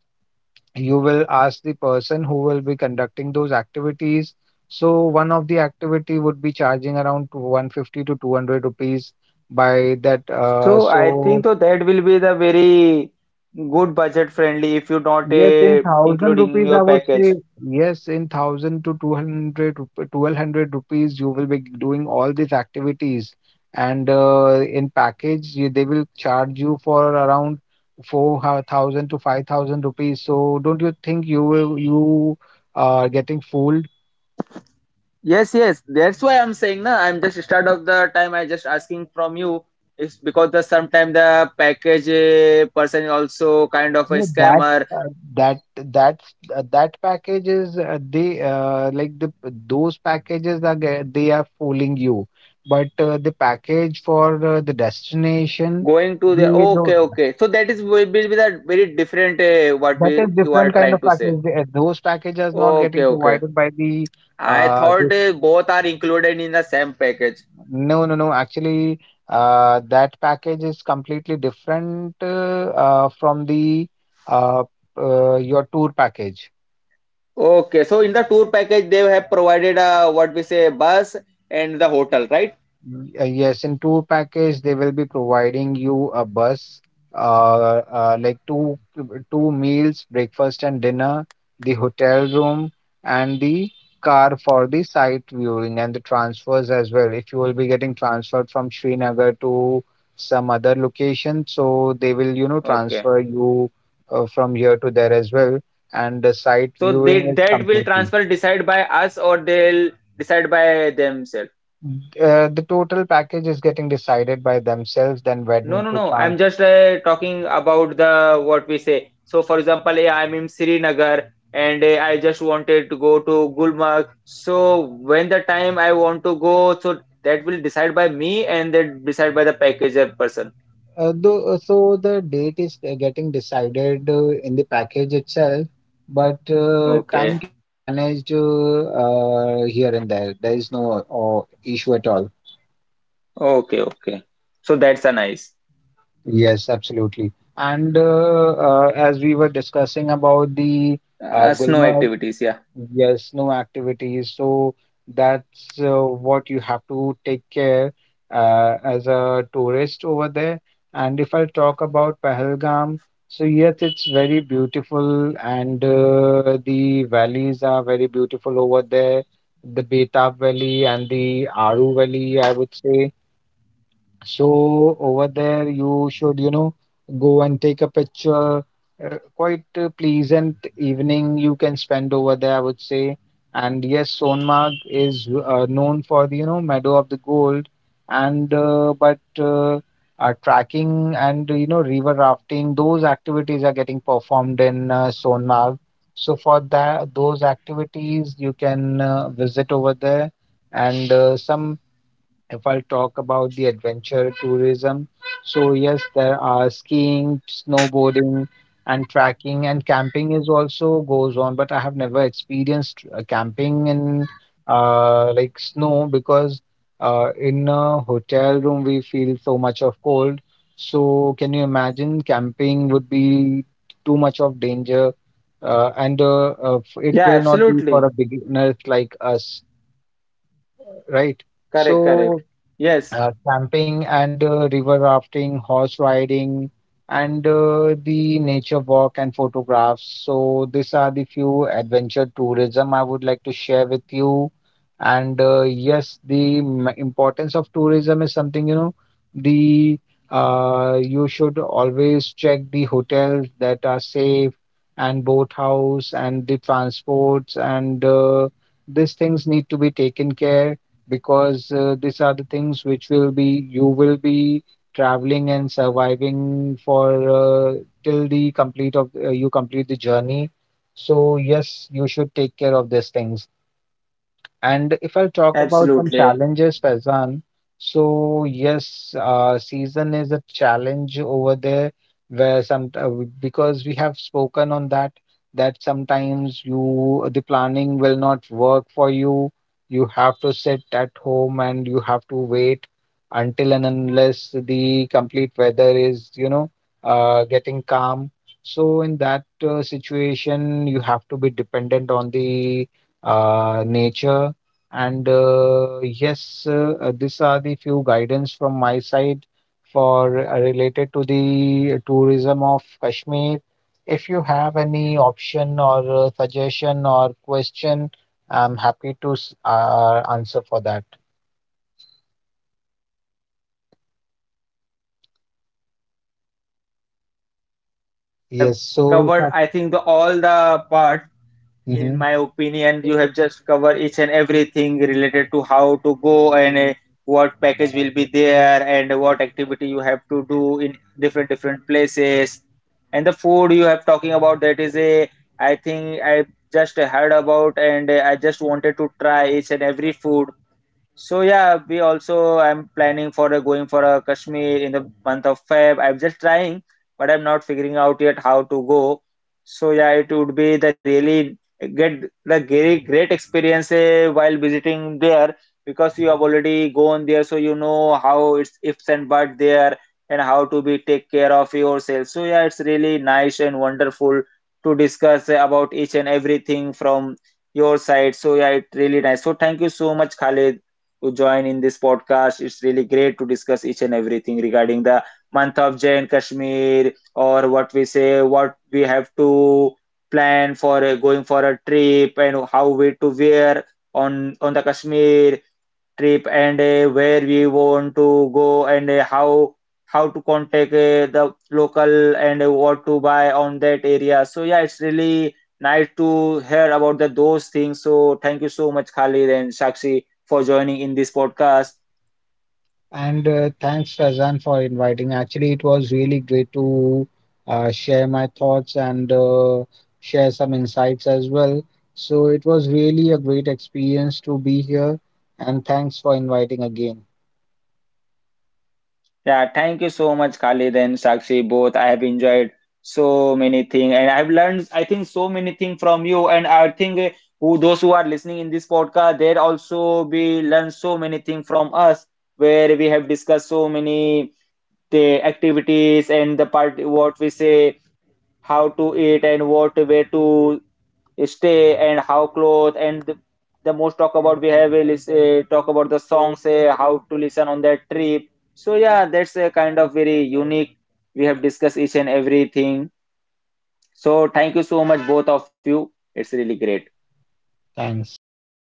[SPEAKER 2] you will ask the person who will be conducting those activities. So one of the activity would be charging around 150 to 200 rupees by that.
[SPEAKER 1] So I think so that will be the very good budget friendly if you not
[SPEAKER 2] Yes, in thousand
[SPEAKER 1] including in
[SPEAKER 2] rupees,
[SPEAKER 1] your
[SPEAKER 2] I would
[SPEAKER 1] package.
[SPEAKER 2] say, yes, in 1,000 to 200, 1,200 rupees, you will be doing all these activities, and in package, they will charge you for around four 1,000 to 5,000 rupees. So, don't you think you are getting fooled?
[SPEAKER 1] Yes, yes. That's why I'm saying na. I'm just start of the time I just asking from you is because the sometime the package person is also kind of a
[SPEAKER 2] No,
[SPEAKER 1] scammer.
[SPEAKER 2] uh, that that package is they like the those packages are they are fooling you, but the package for the destination,
[SPEAKER 1] Going to the,
[SPEAKER 2] they
[SPEAKER 1] okay,
[SPEAKER 2] don't.
[SPEAKER 1] okay. So that is will be that very different what
[SPEAKER 2] That
[SPEAKER 1] we
[SPEAKER 2] is
[SPEAKER 1] you are
[SPEAKER 2] different kind
[SPEAKER 1] trying
[SPEAKER 2] of
[SPEAKER 1] to say.
[SPEAKER 2] package. Those packages not
[SPEAKER 1] Okay,
[SPEAKER 2] getting
[SPEAKER 1] okay.
[SPEAKER 2] provided by the.
[SPEAKER 1] I
[SPEAKER 2] uh
[SPEAKER 1] thought
[SPEAKER 2] this,
[SPEAKER 1] both are included in the same package.
[SPEAKER 2] no, no, no, actually, that package is completely different from the uh, your tour package.
[SPEAKER 1] Okay, so in the tour package they have provided what we say bus and the hotel, right?
[SPEAKER 2] Yes, in tour package, they will be providing you a bus, like two meals, breakfast and dinner, the hotel room, and the car for the sight viewing and the transfers as well. If you will be getting transferred from Srinagar to some other location, so they will
[SPEAKER 1] Okay.
[SPEAKER 2] transfer you from here to there as well. And the sight
[SPEAKER 1] So
[SPEAKER 2] viewing
[SPEAKER 1] they
[SPEAKER 2] is
[SPEAKER 1] that will
[SPEAKER 2] completely.
[SPEAKER 1] transfer decide by us or they'll decide by themselves.
[SPEAKER 2] The total package is getting decided by themselves, then
[SPEAKER 1] No,
[SPEAKER 2] when
[SPEAKER 1] no,
[SPEAKER 2] to
[SPEAKER 1] no. I'm
[SPEAKER 2] trans
[SPEAKER 1] just talking about the what we say. So, for example, I'm in Srinagar and I just wanted to go to Gulmarg. So, when the time I want to go, so that will decide by me and then decide by the packager person.
[SPEAKER 2] though so the date is getting decided in the package itself, but
[SPEAKER 1] Okay,
[SPEAKER 2] time can be managed, here and there is no issue at all.
[SPEAKER 1] okay, okay. So that's a nice
[SPEAKER 2] Yes, absolutely. And as we were discussing about the
[SPEAKER 1] snow
[SPEAKER 2] Gulmarg.
[SPEAKER 1] activities. Yeah,
[SPEAKER 2] Yes, no activities. So that's what you have to take care as a tourist over there. And if I talk about Pahalgam, so yes, it's very beautiful, and the valleys are very beautiful over there. The Betab Valley and the Aru Valley, I would say. So over there, you should go and take a picture. Quite a pleasant evening you can spend over there, I would say. And yes, Sonmarg is known for the Meadow of the Gold. And But tracking and river rafting, those activities are getting performed in Sonmarg. So for that, those activities you can visit over there, and some if I'll talk about the adventure tourism, so yes, there are skiing, snowboarding, and trekking, and camping is also goes on. But I have never experienced camping in like snow because in a hotel room we feel so much of cold. So can you imagine camping would be too much of danger, it
[SPEAKER 1] yeah,
[SPEAKER 2] will not be for
[SPEAKER 1] absolutely.
[SPEAKER 2] a beginners like us, right?
[SPEAKER 1] Correct,
[SPEAKER 2] So
[SPEAKER 1] correct. Yes,
[SPEAKER 2] camping and river rafting, horse riding, and the nature walk and photographs. So these are the few adventure tourism I would like to share with you. And yes, the importance of tourism is something, the you should always check the hotels that are safe, and boat house and the transports, and these things need to be taken care because these are the things which will be you will be traveling and surviving for till the complete of you complete the journey. So yes, you should take care of these things. And if I talk about some
[SPEAKER 1] absolutely.
[SPEAKER 2] challenges, Faizan, so yes, season is a challenge over there because we have spoken on that sometimes you the planning will not work for you. You have to sit at home and you have to wait until and unless the complete weather is getting calm. So in that situation, you have to be dependent on the nature. And yes, these are the few guidance from my side, for related to the tourism of Kashmir. If you have any option or suggestion or question, I'm happy to answer for that.
[SPEAKER 1] Yes, Khalid. So yeah, it's really nice to hear about each and everything, your experience. You have
[SPEAKER 2] Yes, so
[SPEAKER 1] covered, I think, the all the part. In
[SPEAKER 2] Mhm.
[SPEAKER 1] my opinion, you have just covered each and everything related to how to go and what package will be there and what activity you have to do in different different places. And the food you have talking about that is a, I think I just heard about, and I just wanted to try each and every food. So yeah, we also I'm planning for going for a Kashmir in the month of Feb. I'm just trying, but I'm not figuring out yet how to go. So yeah, it would be the really get the very great experience while visiting there because you have already gone there, so you know how it's ifs and buts there and how to be take care of yourself. So yeah, it's really nice and wonderful to discuss about each and everything from your side. So yeah, it's really nice. So thank you so much, Khalid who joined in this podcast. It's really great to discuss each and everything regarding the month of Jay and Kashmir or what we say, what we have to plan for going for a trip and how we to wear on the Kashmir trip and where we want to go and how to contact the local and what to buy on that area. So yeah, it's really nice to hear about the, those things. So thank you so much, Khalid and Shakshi, for joining in this podcast.
[SPEAKER 2] And thanks, Faizan, for inviting. Actually, it was really great to share my thoughts and share some insights as well. So it was really a great experience to be here. And thanks for inviting again.
[SPEAKER 1] Yeah, thank you so much, Khalid and Sakshi. Both I have enjoyed so many things, and I've learned, I think, so many things from you. And I think who those who are listening in this podcast, they also be learn so many things from us, where we have discussed so many the activities and the part what we say how to eat and what way to stay and how clothes and the most talk about we have is talk about the songs how to listen on that trip. So yeah, that's a kind of very unique. We have discussed each and everything. So thank you so much, both of you. It's really great.
[SPEAKER 2] Thanks.